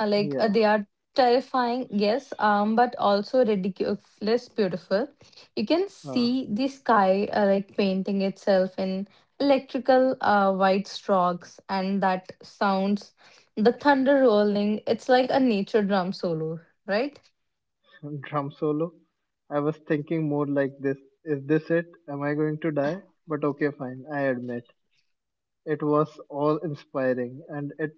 [SPEAKER 2] Uh, Like uh,
[SPEAKER 1] Yeah.
[SPEAKER 2] they are terrifying, yes, but also ridiculous beautiful. You can
[SPEAKER 1] uh.
[SPEAKER 2] see the sky like painting itself in electrical white strokes, and that sounds the thunder rolling. It's like a nature drum solo, right?
[SPEAKER 1] Drum solo. I was thinking more like this. Is this it? Am I going to die? But okay, fine. I admit. It was all inspiring and it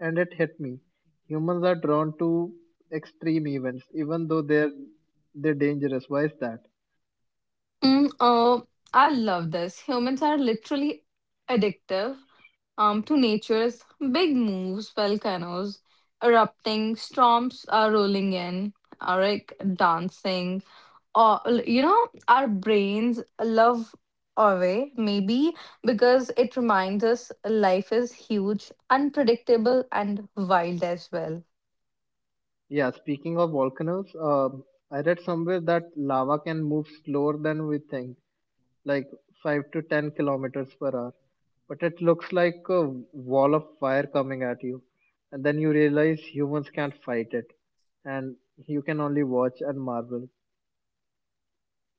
[SPEAKER 1] and it hit me. Humans are drawn to extreme events even though they're dangerous. Why is that?
[SPEAKER 2] Mm, oh, I love this. Humans are literally addictive to nature's big moves, volcanoes erupting, storms are rolling in, Arik dancing. Or, you know, our brains love Orway, maybe because it reminds us life is huge, unpredictable, and wild as well.
[SPEAKER 1] Yeah, speaking of volcanoes, I read somewhere that lava can move slower than we think, like 5 to 10 kilometers per hour, but it looks like a wall of fire coming at you, and then you realize humans can't fight it, and you can only watch and marvel.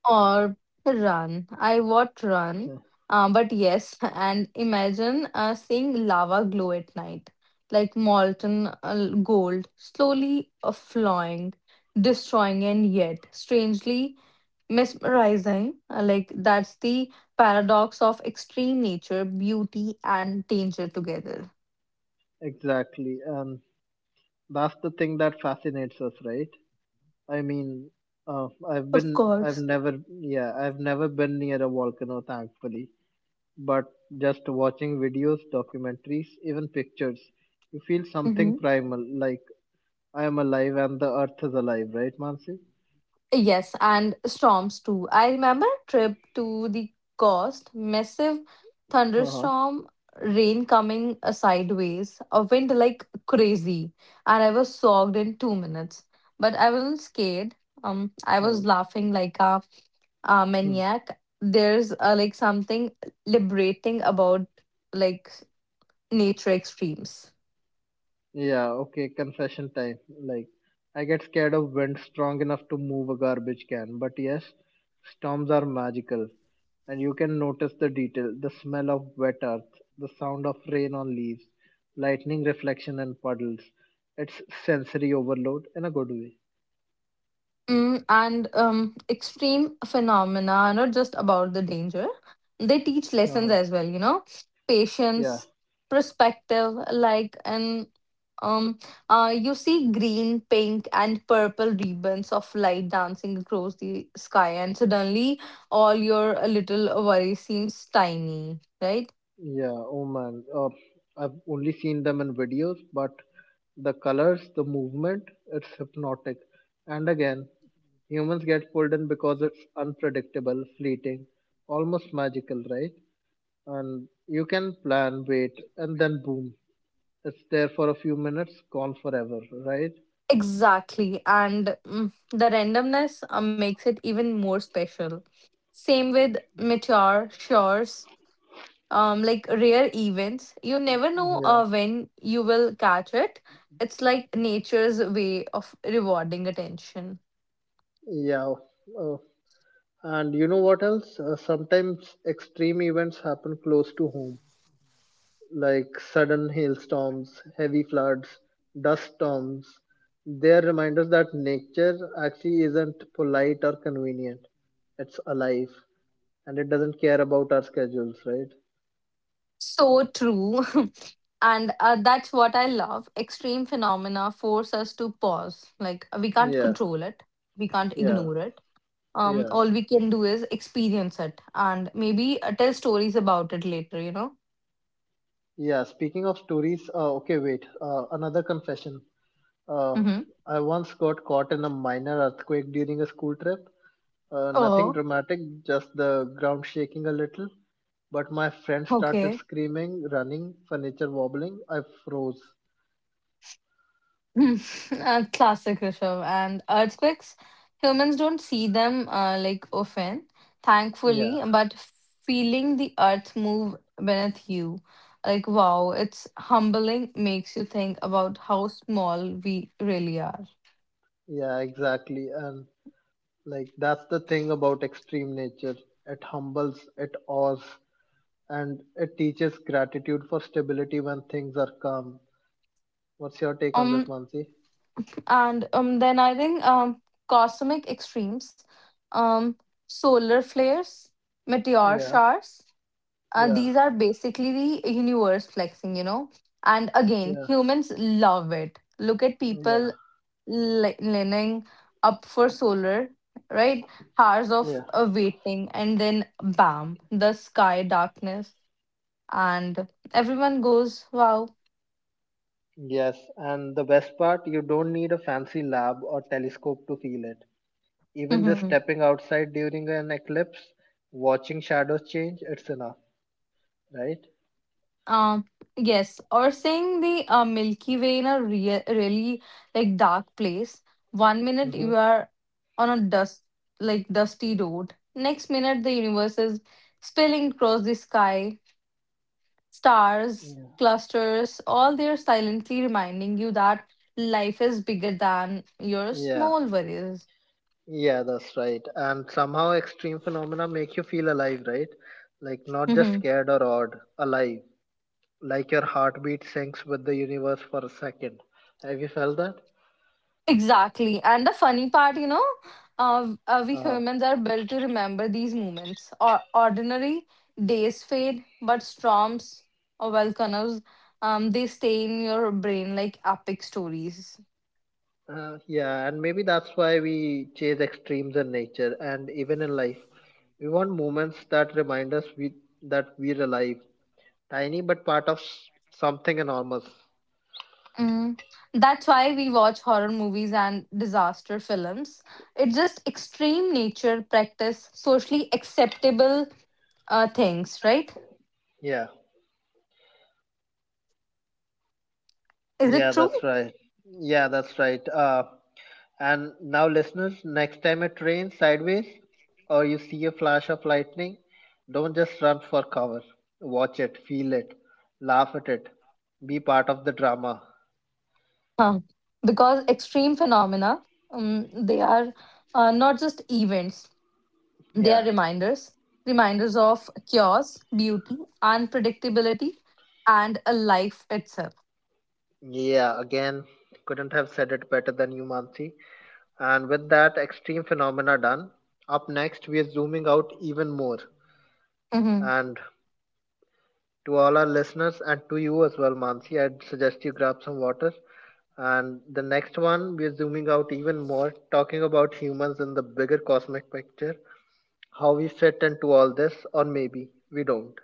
[SPEAKER 2] Or run. I watch Run. But yes, and imagine seeing lava glow at night, like molten gold, slowly flowing, destroying, and yet strangely mesmerizing. Like that's the paradox of extreme nature, beauty, and danger together.
[SPEAKER 1] Exactly, and that's the thing that fascinates us, right? I mean, uh, I've
[SPEAKER 2] Of
[SPEAKER 1] been I've
[SPEAKER 2] course.
[SPEAKER 1] never yeah I've never been near a volcano, thankfully. But just watching videos, documentaries, even pictures, you feel something
[SPEAKER 2] Mm-hmm.
[SPEAKER 1] primal, like I am alive and the earth is alive, right, Mansi?
[SPEAKER 2] Yes, and storms too. I remember a trip to the coast, massive
[SPEAKER 1] Uh-huh.
[SPEAKER 2] thunderstorm, rain coming sideways, a wind like crazy, and I was soaked in 2 minutes. But I wasn't scared. I
[SPEAKER 1] Uh,
[SPEAKER 2] was laughing like a
[SPEAKER 1] hmm.
[SPEAKER 2] maniac. There's like something liberating about like nature extremes.
[SPEAKER 1] Yeah, okay, confession time. Like, I get scared of wind strong enough to move a garbage can, but yes, storms are magical, and you can notice the detail, the smell of wet earth, the sound of rain on leaves, lightning reflection in puddles. It's sensory overload in a good way.
[SPEAKER 2] And extreme phenomena are not just about the danger. They teach lessons
[SPEAKER 1] Uh-huh.
[SPEAKER 2] as well, you know,
[SPEAKER 1] Yeah.
[SPEAKER 2] patience, perspective, and um you see green, pink and purple ribbons of light dancing across the sky, and suddenly all your little worry seems tiny, right?
[SPEAKER 1] Yeah, oh man. I've only seen them in videos, but the colors, the movement, it's hypnotic. And again, humans get pulled in because it's unpredictable, fleeting, almost magical, right? And you can plan, wait, and then boom, it's there for a few minutes, gone forever, right?
[SPEAKER 2] Exactly. And the randomness makes it even more special. Same with mature shores, like rare events, you never know
[SPEAKER 1] Yeah,
[SPEAKER 2] when you will catch it. It's like nature's way of rewarding attention.
[SPEAKER 1] yeah. Uh, and you know what else? Sometimes extreme events happen close to home, like sudden hailstorms, heavy floods, dust storms. They are reminders that nature actually isn't polite or convenient. It's alive and it doesn't care about our schedules, right?
[SPEAKER 2] So true. And that's what I love. Extreme phenomena force us to pause, like we can't
[SPEAKER 1] Yeah,
[SPEAKER 2] control it, we can't
[SPEAKER 1] yeah,
[SPEAKER 2] ignore it,
[SPEAKER 1] yeah,
[SPEAKER 2] all we can do is experience it, and maybe tell stories about it later, you know.
[SPEAKER 1] yeah. Speaking of stories, okay, wait, another confession. Uh,
[SPEAKER 2] Mm-hmm.
[SPEAKER 1] I once got caught in a minor earthquake during a school trip. Nothing
[SPEAKER 2] Oh,
[SPEAKER 1] dramatic, just the ground shaking a little. But my friend started
[SPEAKER 2] okay.
[SPEAKER 1] screaming, running, furniture wobbling. I froze.
[SPEAKER 2] Hmm. Classic Rishabh. And earthquakes, humans don't see them like often,
[SPEAKER 1] Yeah,
[SPEAKER 2] thankfully, but feeling the earth move beneath you, like wow, it's humbling, makes you think about how small we really are.
[SPEAKER 1] yeah, exactly. And like that's the thing about extreme nature. It humbles, it awes, and it teaches gratitude for stability when things are calm. What's your take on this,
[SPEAKER 2] Um,
[SPEAKER 1] Mansi?
[SPEAKER 2] and then I think cosmic extremes, um, solar flares, meteor
[SPEAKER 1] Yeah,
[SPEAKER 2] showers. uh,
[SPEAKER 1] yeah,
[SPEAKER 2] these are basically the universe flexing, you know. And again,
[SPEAKER 1] yeah,
[SPEAKER 2] humans love it. Look at
[SPEAKER 1] yeah,
[SPEAKER 2] people lining up for solar, right? Hours of
[SPEAKER 1] yeah.
[SPEAKER 2] waiting, and then bam, the sky darkness, and everyone goes, wow.
[SPEAKER 1] Yes, and the best part, you don't need a fancy lab or telescope to feel it, even just stepping outside during an eclipse, watching shadows change, it's enough, right?
[SPEAKER 2] Um, yes, or saying the Milky Way in a real, really like dark place. One minute
[SPEAKER 1] Mm-hmm.
[SPEAKER 2] you are on a dusty road. Next minute the universe is spilling across the sky. Stars,
[SPEAKER 1] Yeah.
[SPEAKER 2] clusters, all they are silently reminding you that life is bigger than your
[SPEAKER 1] Yeah,
[SPEAKER 2] small worries.
[SPEAKER 1] yeah, that's right. And somehow extreme phenomena make you feel alive, right? Like not just scared or odd, alive. Like your heartbeat syncs with the universe for a second. Have you felt that?
[SPEAKER 2] Exactly. And the funny part, you know, we
[SPEAKER 1] Uh,
[SPEAKER 2] humans are built to remember these moments. Or ordinary days fade, but storms or volcanoes, they stay in your brain like epic stories.
[SPEAKER 1] yeah, and maybe that's why we chase extremes in nature and even in life. We want moments that remind us we that we're alive, tiny but part of something enormous.
[SPEAKER 2] Mm. That's why we watch horror movies and disaster films. It's just extreme nature practice, socially acceptable things, right?
[SPEAKER 1] Yeah.
[SPEAKER 2] Is it
[SPEAKER 1] Yeah,
[SPEAKER 2] true?
[SPEAKER 1] that's right. Yeah, that's right. And now, listeners, next time it rains sideways or you see a flash of lightning, don't just run for cover. Watch it, feel it, laugh at it, be part of the drama.
[SPEAKER 2] Huh. Because extreme phenomena, they are not just events, they are
[SPEAKER 1] Yeah.
[SPEAKER 2] reminders, reminders of chaos, beauty, unpredictability, and a life itself.
[SPEAKER 1] Yeah, again, couldn't have said it better than you, Mansi. And with that extreme phenomena done, up next, we are zooming out even more,
[SPEAKER 2] Hmm.
[SPEAKER 1] and to all our listeners and to you as well, Mansi, I'd suggest you grab some water. And the next one, we're zooming out even more, talking about humans in the bigger cosmic picture, how we fit into all this, or maybe we don't.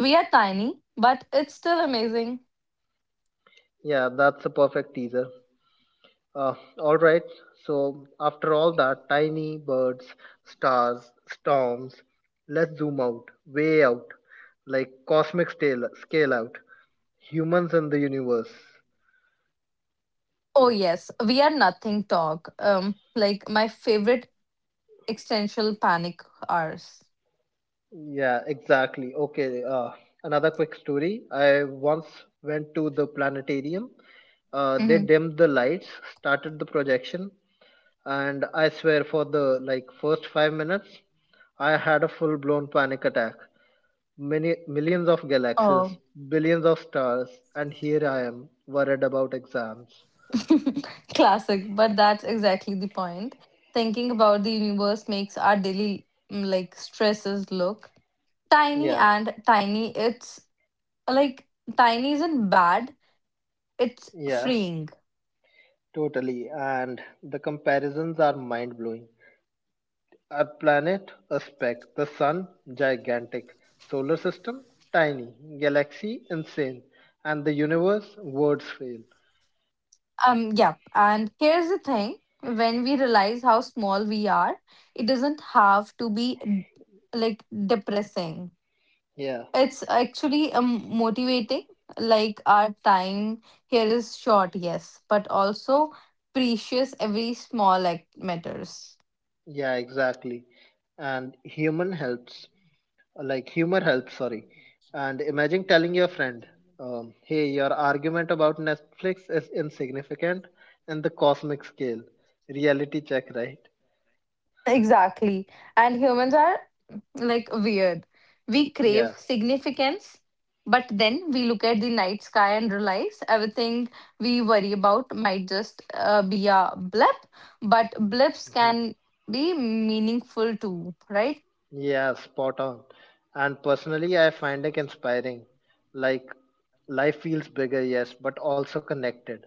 [SPEAKER 2] We are tiny, but it's still amazing.
[SPEAKER 1] Yeah, that's a perfect teaser. Uh, all right, so after all that, tiny birds, stars, storms, let's zoom out, way out, like cosmic scale, scale out, humans in the universe.
[SPEAKER 2] Oh, yes, we are nothing talk. Like my favorite existential panic hours.
[SPEAKER 1] Yeah, exactly. Okay, another quick story. I once went to the planetarium. They
[SPEAKER 2] Hmm.
[SPEAKER 1] dimmed the lights, started the projection, and I swear for the like first 5 minutes, I had a full-blown panic attack. Many millions of galaxies,
[SPEAKER 2] Oh.
[SPEAKER 1] billions of stars, and here I am worried about exams.
[SPEAKER 2] Classic, but that's exactly the point. Thinking about the universe makes our daily like stresses look tiny
[SPEAKER 1] Yeah,
[SPEAKER 2] and tiny. It's like tiny isn't bad, it's
[SPEAKER 1] yeah,
[SPEAKER 2] freeing.
[SPEAKER 1] totally. And the comparisons are mind-blowing. Our planet, a speck. The sun, gigantic. Solar system, tiny. Galaxy, insane. And the universe, words fail.
[SPEAKER 2] Yeah, and here's the thing, when we realize how small we are, it doesn't have to be like depressing.
[SPEAKER 1] Yeah,
[SPEAKER 2] It's actually motivating. Like, our time here is short, yes, but also precious. Every small act matters.
[SPEAKER 1] yeah, exactly. And human helps, like humor helps, sorry. And imagine telling your friend, hey, your argument about Netflix is insignificant in the cosmic scale. Reality check, right?
[SPEAKER 2] Exactly. And humans are like weird. We
[SPEAKER 1] Yeah.
[SPEAKER 2] crave significance, but then we look at the night sky and realize everything we worry about might just be a blip, but blips
[SPEAKER 1] Mm-hmm.
[SPEAKER 2] can be meaningful too, right?
[SPEAKER 1] Yeah, spot on. And personally, I find it inspiring. Like, life feels bigger, yes, but also connected.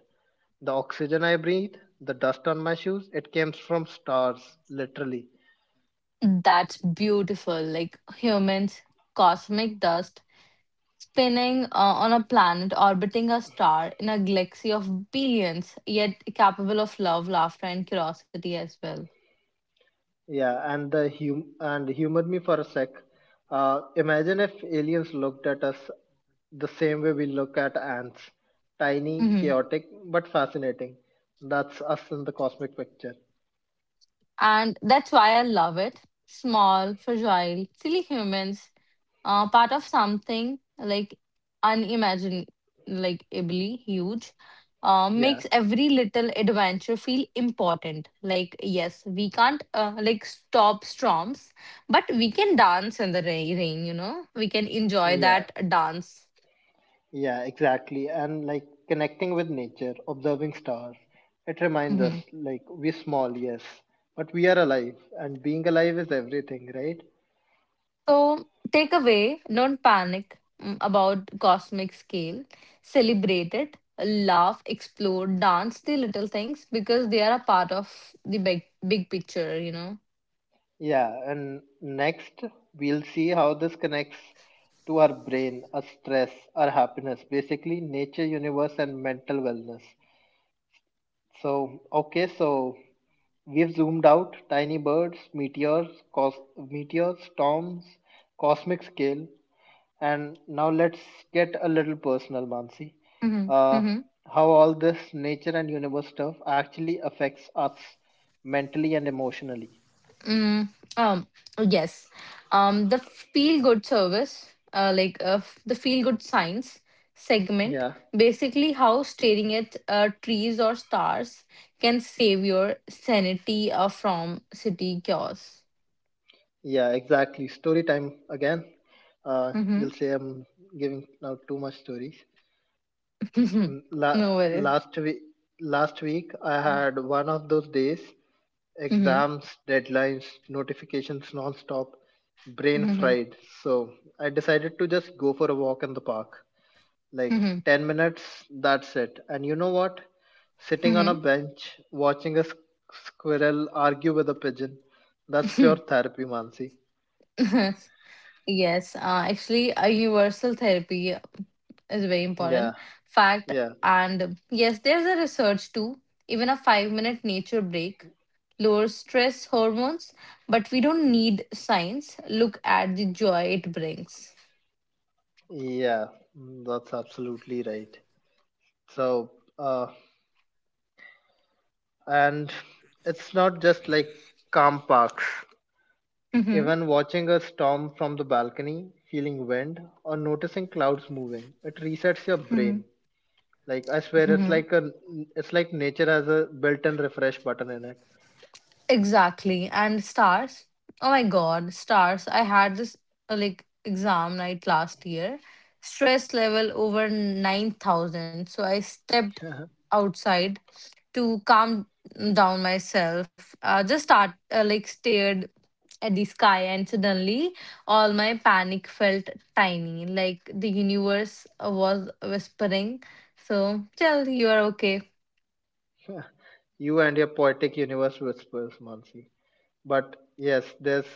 [SPEAKER 1] The oxygen I breathe, the dust on my shoes, it comes from stars, literally.
[SPEAKER 2] That's beautiful. Like humans, cosmic dust, spinning on a planet, orbiting a star in a galaxy of billions, yet capable of love, laughter, and curiosity as well.
[SPEAKER 1] Yeah, and the hum and humor me for a sec. Imagine if aliens looked at us the same way we look at ants. Tiny,
[SPEAKER 2] Hmm.
[SPEAKER 1] chaotic, but fascinating. That's us in the cosmic picture.
[SPEAKER 2] And that's why I love it. Small, fragile, silly humans, part of something like unimaginably like ably huge,
[SPEAKER 1] Yeah,
[SPEAKER 2] makes every little adventure feel important. Like, yes, we can't like stop storms, but we can dance in the rain, you know, we can enjoy
[SPEAKER 1] yeah.
[SPEAKER 2] that dance.
[SPEAKER 1] Yeah, exactly. And like connecting with nature, observing stars, it reminds us
[SPEAKER 2] Mm-hmm.
[SPEAKER 1] like we're small, yes, but we are alive, and being alive is everything, right?
[SPEAKER 2] So, takeaway, don't panic about cosmic scale. Celebrate it, laugh, explore, dance the little things because they are a part of the big, big picture, you know.
[SPEAKER 1] Yeah, and next we'll see how this connects to our brain, our stress, our happiness, basically nature, universe, and mental wellness. So, okay, so we've zoomed out tiny birds, meteors, meteors, storms, cosmic scale. And now let's get a little personal, Mansi.
[SPEAKER 2] Hmm.
[SPEAKER 1] Uh,
[SPEAKER 2] Hmm.
[SPEAKER 1] how all this nature and universe stuff actually affects us mentally and emotionally.
[SPEAKER 2] Mm. Um, yes. The feel good service, the feel good science segment,
[SPEAKER 1] Yeah,
[SPEAKER 2] basically how staring at trees or stars can save your sanity from city chaos.
[SPEAKER 1] yeah, exactly. Story time again. You'll say I'm giving now too much stories.
[SPEAKER 2] Mhm.
[SPEAKER 1] Mm, La-
[SPEAKER 2] No worries.
[SPEAKER 1] Last week, last week I had one of those days.
[SPEAKER 2] Mhm.
[SPEAKER 1] Exams, deadlines, notifications non-stop, brain
[SPEAKER 2] Mhm.
[SPEAKER 1] fried. So I decided to just go for a walk in the park. Like
[SPEAKER 2] Mhm.
[SPEAKER 1] 10 minutes, that's it. And you know what? Sitting on a
[SPEAKER 2] Mhm.
[SPEAKER 1] bench, watching a squirrel argue with a pigeon, that's pure
[SPEAKER 2] Mhm.
[SPEAKER 1] therapy, Mansi.
[SPEAKER 2] Yes, actually, a universal therapy is very important
[SPEAKER 1] Yeah,
[SPEAKER 2] fact.
[SPEAKER 1] yeah,
[SPEAKER 2] And yes, there's a research too. Even a 5-minute nature break lowers stress hormones, but we don't need science. Look at the joy it brings.
[SPEAKER 1] yeah, that's absolutely right. So, uh, and it's not just like calm parks.
[SPEAKER 2] Mhm.
[SPEAKER 1] Even watching a storm from the balcony, feeling wind, or noticing clouds moving, it resets your brain. Like I swear,
[SPEAKER 2] Mhm.
[SPEAKER 1] it's like nature has a built-in refresh button in it.
[SPEAKER 2] Exactly. And stars. Oh my God, stars. I had this like exam night last year. Stress level over 9,000. So I stepped outside to calm down myself. Just start like stared at the sky and suddenly all my panic felt tiny, like the universe was whispering so tell you are okay.
[SPEAKER 1] You and your poetic universe whispers, Mansi. But yes, there's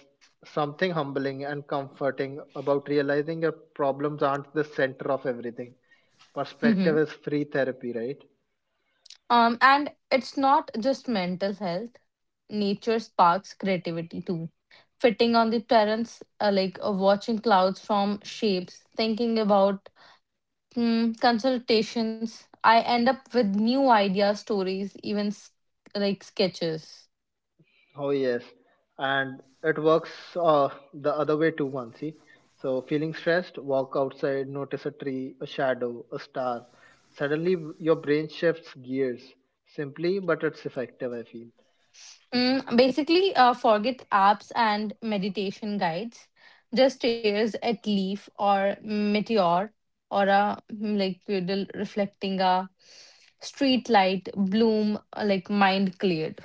[SPEAKER 1] something humbling and comforting about realizing your problems aren't the center of everything. Perspective is free therapy, right?
[SPEAKER 2] And it's not just mental health. Nature sparks creativity too. Fitting on the terrace, watching clouds form shapes, thinking about consultations, I end up with new ideas, stories, even like sketches.
[SPEAKER 1] Oh yes, and it works the other way too, Mansi. So feeling stressed, walk outside, notice a tree, a shadow, a star. Suddenly, your brain shifts gears. Simply, but it's effective. I feel.
[SPEAKER 2] Mm, basically, forget apps and meditation guides. Just stares at leaf or meteor or a like puddle reflecting a street light bloom, like mind cleared.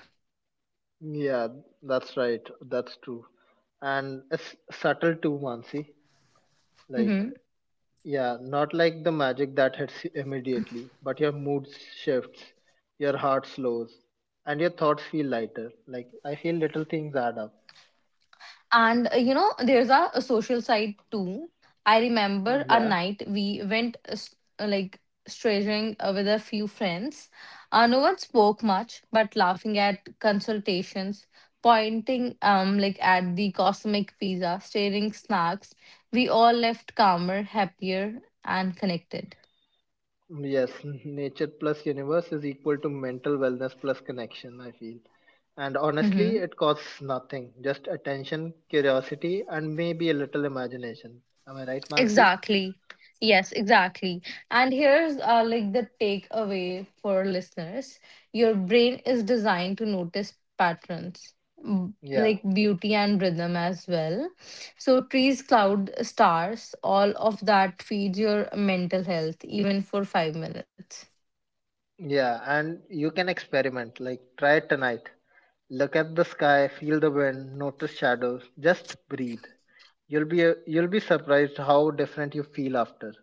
[SPEAKER 1] Yeah, that's right. That's true, and it's subtle too, Mansi. Like
[SPEAKER 2] Mm-hmm.
[SPEAKER 1] yeah, not like the magic that hits you immediately, but your mood shifts, your heart slows, and your thoughts feel lighter. Like I feel little things add up.
[SPEAKER 2] And you know, there's a social side too. I remember a
[SPEAKER 1] Yeah.
[SPEAKER 2] night we went like straying with a few friends. No one spoke much, but laughing at consultations, pointing like at the cosmic pizza, staring snacks. We all left calmer, happier, and connected.
[SPEAKER 1] Yes. Nature plus universe is equal to mental wellness plus connection, I feel. And honestly,
[SPEAKER 2] Mm-hmm.
[SPEAKER 1] it costs nothing. Just attention, curiosity, and maybe a little imagination. Am I right, Mansi?
[SPEAKER 2] Exactly. Yes, exactly. And here's like the takeaway for listeners. Your brain is designed to notice patterns,
[SPEAKER 1] Yeah.
[SPEAKER 2] like beauty and rhythm as well. So trees, cloud, stars, all of that feeds your mental health even for 5 minutes.
[SPEAKER 1] Yeah. And you can experiment. Like, try it tonight. Look at the sky, feel the wind, notice shadows. Just breathe. You'll be surprised how different you feel after.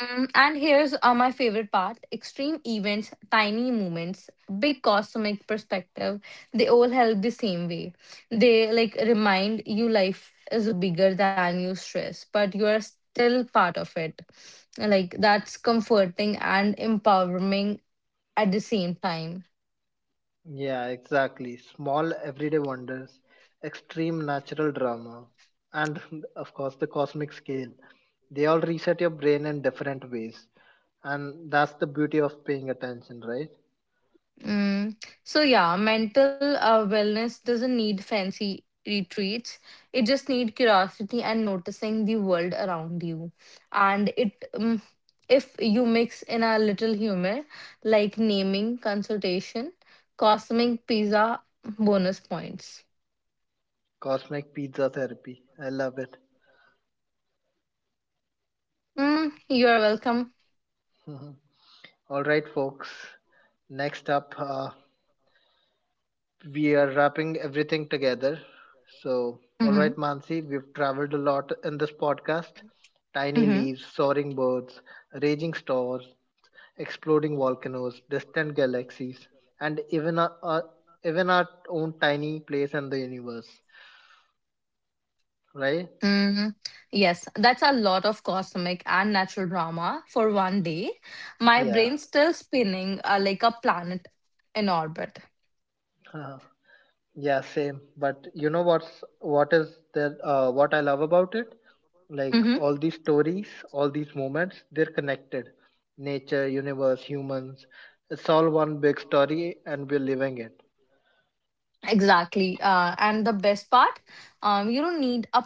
[SPEAKER 2] Mm, and here's my favorite part, extreme events, tiny moments, big cosmic perspective, they all help the same way. They like remind you life is bigger than you stress, but you are still part of it. Like, that's comforting and empowering at the same time.
[SPEAKER 1] Yeah, exactly. Small everyday wonders, extreme natural drama, and of course the cosmic scale. They all reset your brain in different ways. And that's the beauty of paying attention, right?
[SPEAKER 2] Mm. So yeah, mental wellness doesn't need fancy retreats. It just need curiosity and noticing the world around you. And it if you mix in a little humor, like naming, consultation, cosmic pizza, bonus points.
[SPEAKER 1] Cosmic pizza therapy. I love it.
[SPEAKER 2] Mm, you are welcome.
[SPEAKER 1] All right, folks. Next up, we are wrapping everything together. So, all right,
[SPEAKER 2] Mm-hmm.
[SPEAKER 1] Mansi, we've traveled a lot in this podcast. Tiny
[SPEAKER 2] Mm-hmm.
[SPEAKER 1] leaves, soaring birds, raging stars, exploding volcanoes, distant galaxies, and even our even our own tiny place in the universe, right?
[SPEAKER 2] Hmm. Yes, that's a lot of cosmic and natural drama for one day. My
[SPEAKER 1] Yeah.
[SPEAKER 2] brain's still spinning like a planet in orbit.
[SPEAKER 1] Uh, yeah, same. But you know what is there? What I love about it, like
[SPEAKER 2] Hmm.
[SPEAKER 1] all these stories, all these moments, they're connected. Nature, universe, humans, it's all one big story, and we're living it
[SPEAKER 2] Exactly. And the best part, you don't need a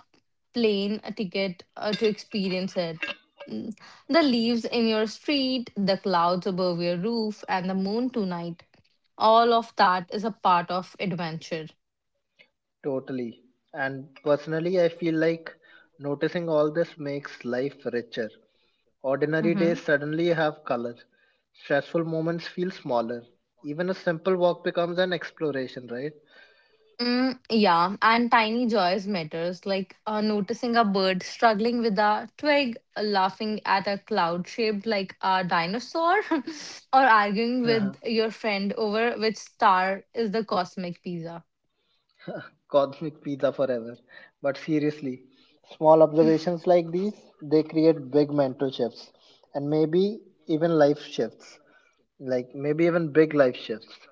[SPEAKER 2] plane ticket to experience it. Mm. The leaves in your street, the clouds above your roof, and the moon tonight. All of that is a part of adventure.
[SPEAKER 1] totally. And personally, I feel like noticing all this makes life richer. Ordinary days
[SPEAKER 2] Mm-hmm.
[SPEAKER 1] suddenly have color. Stressful moments feel smaller. Even a simple walk becomes an exploration, right?
[SPEAKER 2] Mm, yeah, and tiny joys matters, like noticing a bird struggling with a twig, laughing at a cloud shaped like a dinosaur, or arguing
[SPEAKER 1] Uh-huh.
[SPEAKER 2] with your friend over which star is the cosmic pizza.
[SPEAKER 1] Cosmic pizza forever. But seriously, small observations like these, they create big mental shifts and maybe even life shifts. Like maybe even big life shifts.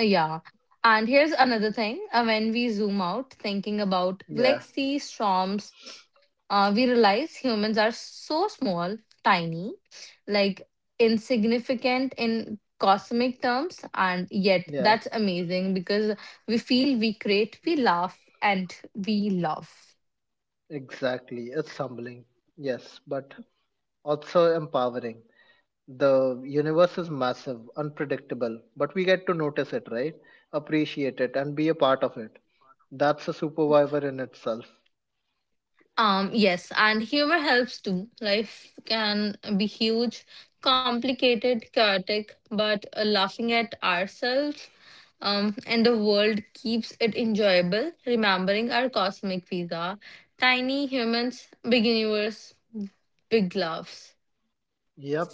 [SPEAKER 2] Yeah. And here's another thing. When we zoom out, thinking about
[SPEAKER 1] Yeah,
[SPEAKER 2] galaxy storms, we realize humans are so small, tiny, like insignificant in cosmic terms. And yet,
[SPEAKER 1] yeah,
[SPEAKER 2] that's amazing because we feel, we create, we laugh, and we love.
[SPEAKER 1] exactly. It's humbling. Yes, but also empowering. The universe is massive, unpredictable, but we get to notice it, right? Appreciate it and be a part of it. That's a superpower in itself.
[SPEAKER 2] Yes, and humor helps too. Life can be huge, complicated, chaotic, but laughing at ourselves and the world keeps it enjoyable. Remembering our cosmic pizza, tiny humans, big universe, big laughs.
[SPEAKER 1] Yep.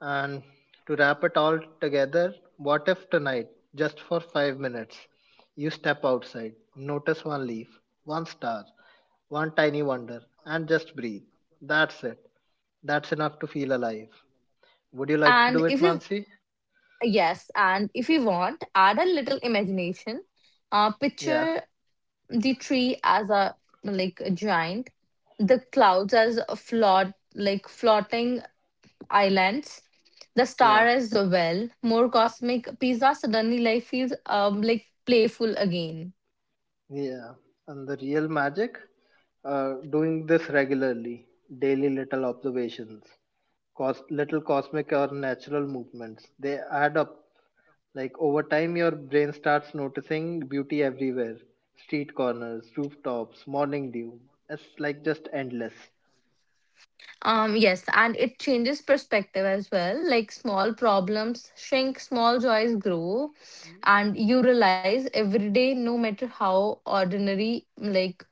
[SPEAKER 1] And to wrap it all together, what if tonight, just for 5 minutes, you step outside, notice one leaf, one star, one tiny wonder, and just breathe? That's it. That's enough to feel alive. Would you like
[SPEAKER 2] And
[SPEAKER 1] to do
[SPEAKER 2] if
[SPEAKER 1] it,
[SPEAKER 2] you,
[SPEAKER 1] Mansi?
[SPEAKER 2] yes, and if you want, add a little imagination.
[SPEAKER 1] Yeah,
[SPEAKER 2] Picture the tree as a like a giant, the clouds as a float like floating islands, the
[SPEAKER 1] yeah.
[SPEAKER 2] star as a well. More cosmic pizza, suddenly life feels like playful again.
[SPEAKER 1] Yeah, and the real magic, doing this regularly, daily little observations, little cosmic or natural movements, they add up. Like over time, your brain starts noticing beauty everywhere street corners, rooftops, morning dew. It's like just endless.
[SPEAKER 2] Um, yes, and it changes perspective as well. Like small problems shrink, small joys grow, and you realize every day, no matter how ordinary, like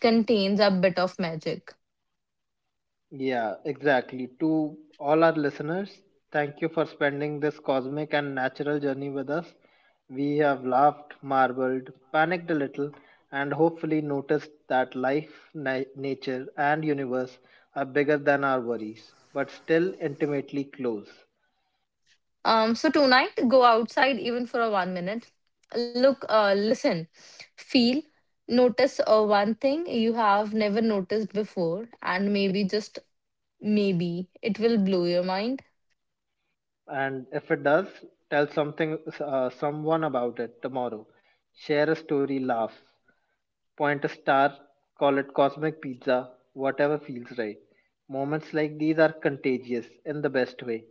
[SPEAKER 2] contains a bit of magic.
[SPEAKER 1] Yeah, exactly. To all our listeners, thank you for spending this cosmic and natural journey with us. We have laughed, marveled, panicked a little, and hopefully noticed that life, nature, and universe are bigger than our worries, but still intimately close.
[SPEAKER 2] So tonight, go outside even for a one minute. Look, listen, feel, notice one thing you have never noticed before, and maybe just maybe it will blow your mind.
[SPEAKER 1] And if it does, tell something, someone about it tomorrow. Share a story, laugh, point a star, call it cosmic pizza, whatever feels right. Moments like these are contagious in the best way.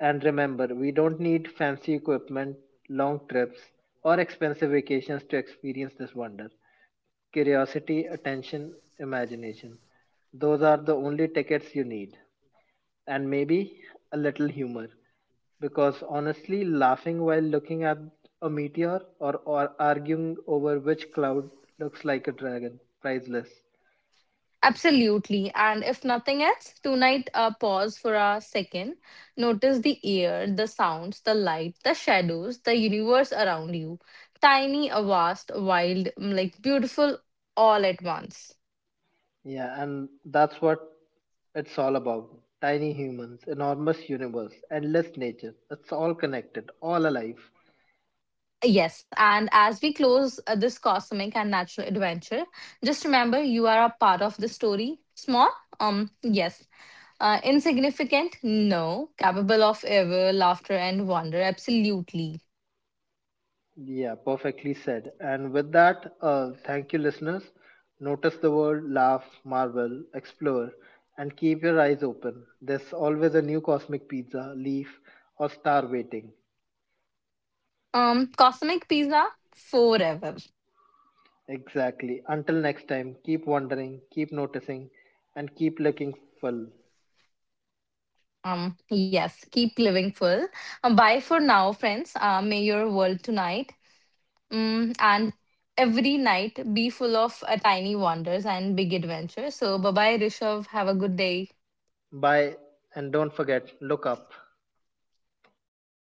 [SPEAKER 1] And remember, we don't need fancy equipment, long trips, or expensive vacations to experience this wonder. Curiosity, attention, imagination. Those are the only tickets you need and maybe a little humor. Because honestly, laughing while looking at a meteor or arguing over which cloud looks like a dragon, priceless.
[SPEAKER 2] Absolutely. And if nothing else, tonight, pause for a second. Notice the air, the sounds, the light, the shadows, the universe around you. Tiny, vast, wild, mm, like beautiful all at once.
[SPEAKER 1] Yeah, and that's what it's all about. Tiny humans, enormous universe, endless nature. It's all connected, all alive.
[SPEAKER 2] Yes, and as we close this cosmic and natural adventure, just remember you are a part of the story. Small, yes. Insignificant, no. Capable of ever laughter and wonder, absolutely.
[SPEAKER 1] Yeah, perfectly said. And with that, thank you, listeners. Notice the world, laugh, marvel, explore, and keep your eyes open. There's always a new cosmic pizza, leaf, or star waiting.
[SPEAKER 2] Cosmic pizza forever.
[SPEAKER 1] Exactly. Until next time, keep wondering, keep noticing, and keep looking full.
[SPEAKER 2] Yes. Keep living full. Bye for now, friends. May your world tonight, and every night be full of tiny wonders and big adventures. So, bye bye, Rishav. Have a good day.
[SPEAKER 1] Bye, and don't forget, look up.
[SPEAKER 2] Okay.